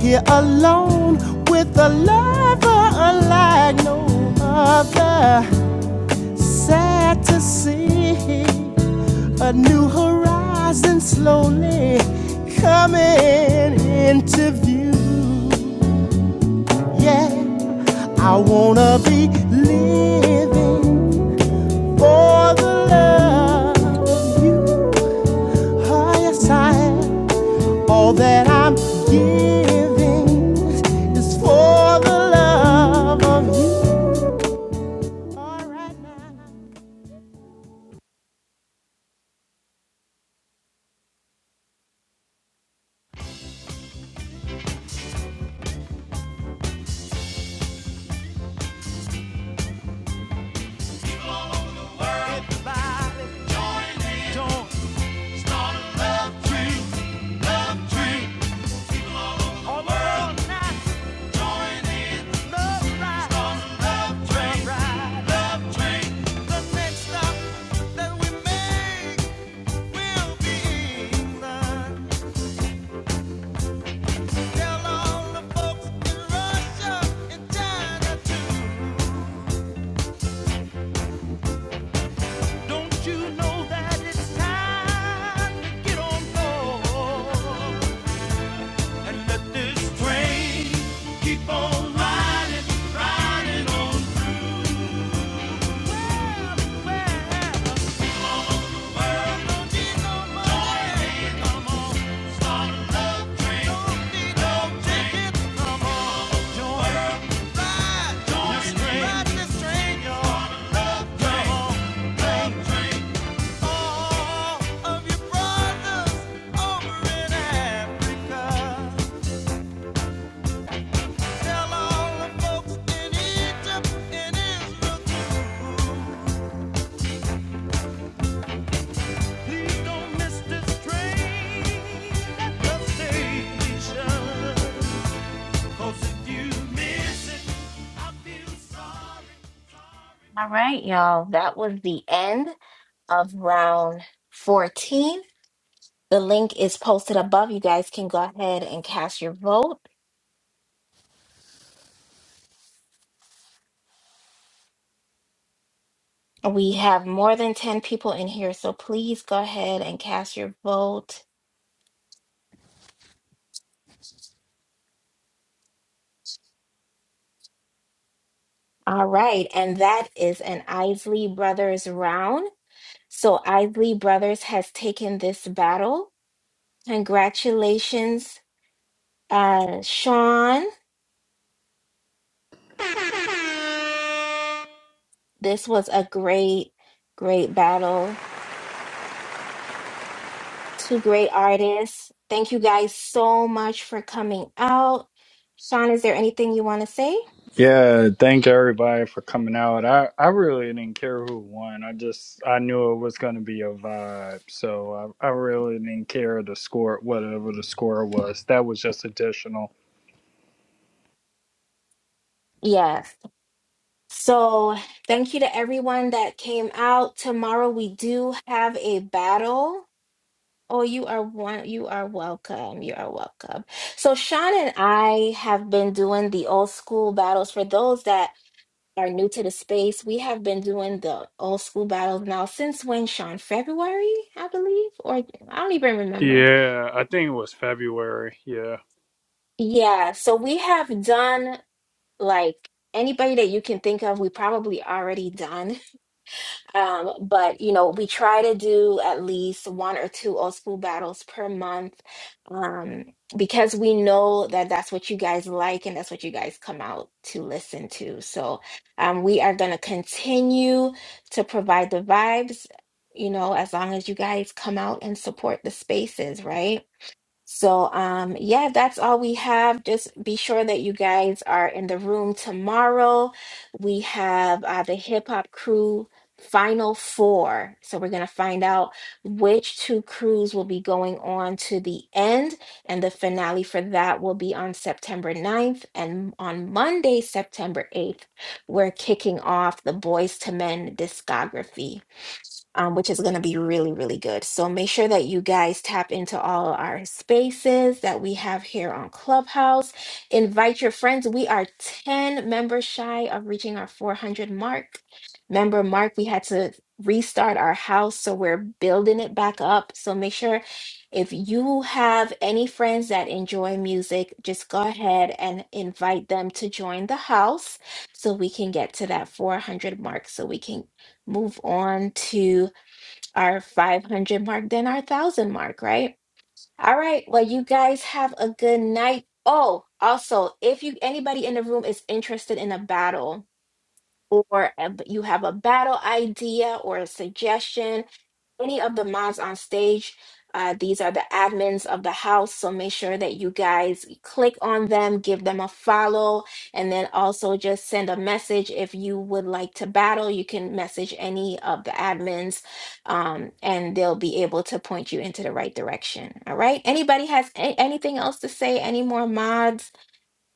Speaker 4: here alone with a lover unlike no other. Sad to see a new horizon slowly coming into view. Yeah, I wanna be living for the love of you. Oh Highest high, all that I'm giving is for the love of you. All right now.
Speaker 1: Everybody, join in, join. Start a love tree, love tree. Don't you know that it's time to get on board and let this train keep on riding, riding on? Tell all the folks in Egypt and Israel too. Please don't miss this train at the station. 'Cause if you miss it, I feel sorry, sorry.
Speaker 2: All right, y'all. That was the end of round 14. The link is posted above. You guys can go ahead and cast your vote. We have more than 10 people in here, so please go ahead and cast your vote. All right, and that is an Isley Brothers round. So Isley Brothers has taken this battle. Congratulations, uh, Sean. This was a great, great battle. Two great artists. Thank you guys so much for coming out. Sean, is there anything you want to say?
Speaker 3: Yeah, thank everybody for coming out. I, I really didn't care who won. I just I knew it was gonna be a vibe. So I, I really didn't care the score whatever the score was. That was just additional.
Speaker 2: Yes. So thank you to everyone that came out. Tomorrow we do have a battle. Oh, you are one, you are welcome. You are welcome. So Sean and I have been doing the old school battles. For those that are new to the space, we have been doing the old school battles now since when, Sean? February, I believe, or I don't even remember.
Speaker 3: Yeah, I think it was February. Yeah.
Speaker 2: Yeah, so we have done like anybody that you can think of, we probably already done. Um, but you know, we try to do at least one or two old school battles per month, um, because we know that that's what you guys like and that's what you guys come out to listen to. So, um, we are going to continue to provide the vibes, you know, as long as you guys come out and support the spaces, right? So, um, yeah, that's all we have. Just be sure that you guys are in the room tomorrow. We have uh, the Hip Hop Crew Final Four. So, we're going to find out which two crews will be going on to the end. And the finale for that will be on September ninth. And on Monday, September 8th, we're kicking off the Boys to Men discography um, which is going to be really, really good. So make sure that you guys tap into all our spaces that we have here on Clubhouse. Invite your friends. We are 10 members shy of reaching our 400 mark. Member mark, we had to restart our house, so we're building it back up. So make sure if you have any friends that enjoy music, just go ahead and invite them to join the house so we can get to that 400 mark so we can move on to our 500 mark, then our 1,000 mark, right? All right. Well, you guys have a good night. Oh, also, if you anybody in the room is interested in a battle or a- you have a battle idea or a suggestion, any of the moms on stage, uh, these are the admins of the house. So make sure that you guys click on them, give them a follow, and then also just send a message. If you would like to battle, you can message any of the admins um, and they'll be able to point you into the right direction. All right. Anybody has a- anything else to say? Any more mods,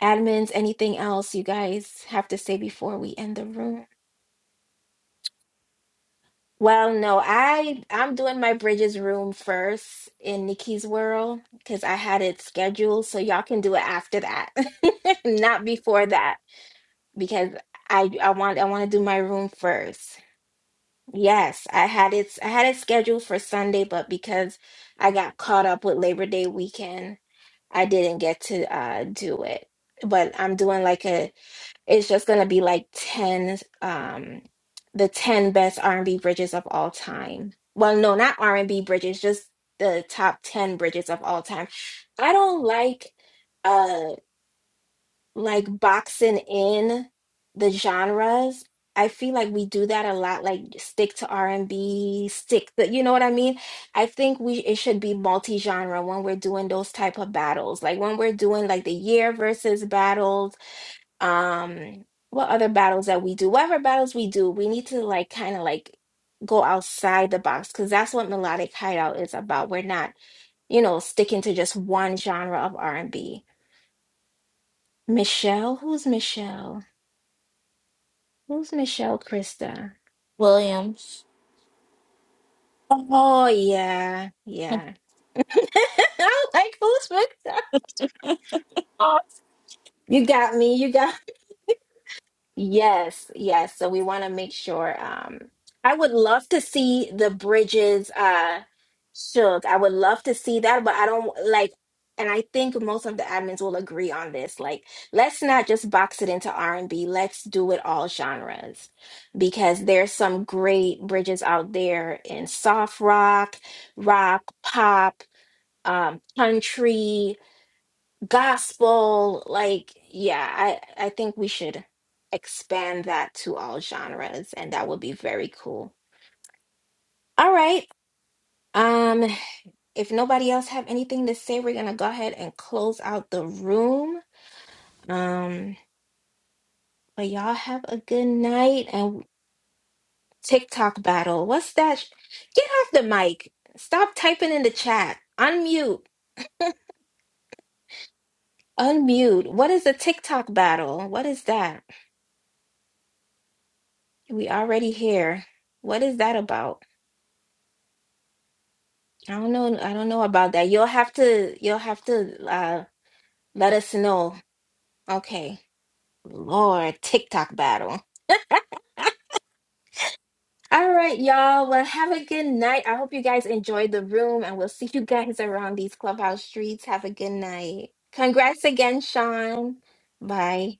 Speaker 2: admins, anything else you guys have to say before we end the room? Well, no, I I'm doing my Bridges room first in Nikki's world because I had it scheduled, so y'all can do it after that, [LAUGHS] not before that, because I I want I want to do my room first. Yes, I had it I had it scheduled for Sunday, but because I got caught up with Labor Day weekend, I didn't get to uh do it. But I'm doing like a it's just gonna be like 10 um the 10 best R&B bridges of all time. Well, no, not R&B bridges, just the top 10 bridges of all time. I don't like uh like boxing in the genres. I feel like we do that a lot like stick to R&B, stick the you know what I mean? I think we it should be multi-genre when we're doing those type of battles. Like when we're doing like the year versus battles um what other battles that we do whatever battles we do we need to like kind of like go outside the box because that's what melodic hideout is about we're not you know sticking to just one genre of r&b michelle who's michelle who's michelle krista
Speaker 6: Williams.
Speaker 2: oh yeah
Speaker 6: [LAUGHS]
Speaker 2: yeah [LAUGHS] i'm like who's michelle you got me you got Yes, yes. So we want to make sure. Um, I would love to see the bridges uh shook. I would love to see that, but I don't like, and I think most of the admins will agree on this. Like, let's not just box it into R&B. Let's do it all genres because there's some great bridges out there in soft rock, rock, pop, um, country gospel like yeah i i think we should expand that to all genres and that would be very cool all right um if nobody else have anything to say we're gonna go ahead and close out the room um but y'all have a good night and tiktok battle what's that sh- get off the mic stop typing in the chat unmute unmute what is a tiktok battle what is that we already here what is that about I don't know. I don't know about that. You'll have to. You'll have to uh, let us know. Okay. Lord, TikTok battle. All right, y'all. Well, have a good night. I hope you guys enjoyed the room, and we'll see you guys around these clubhouse streets. Have a good night. Congrats again, Sean. Bye.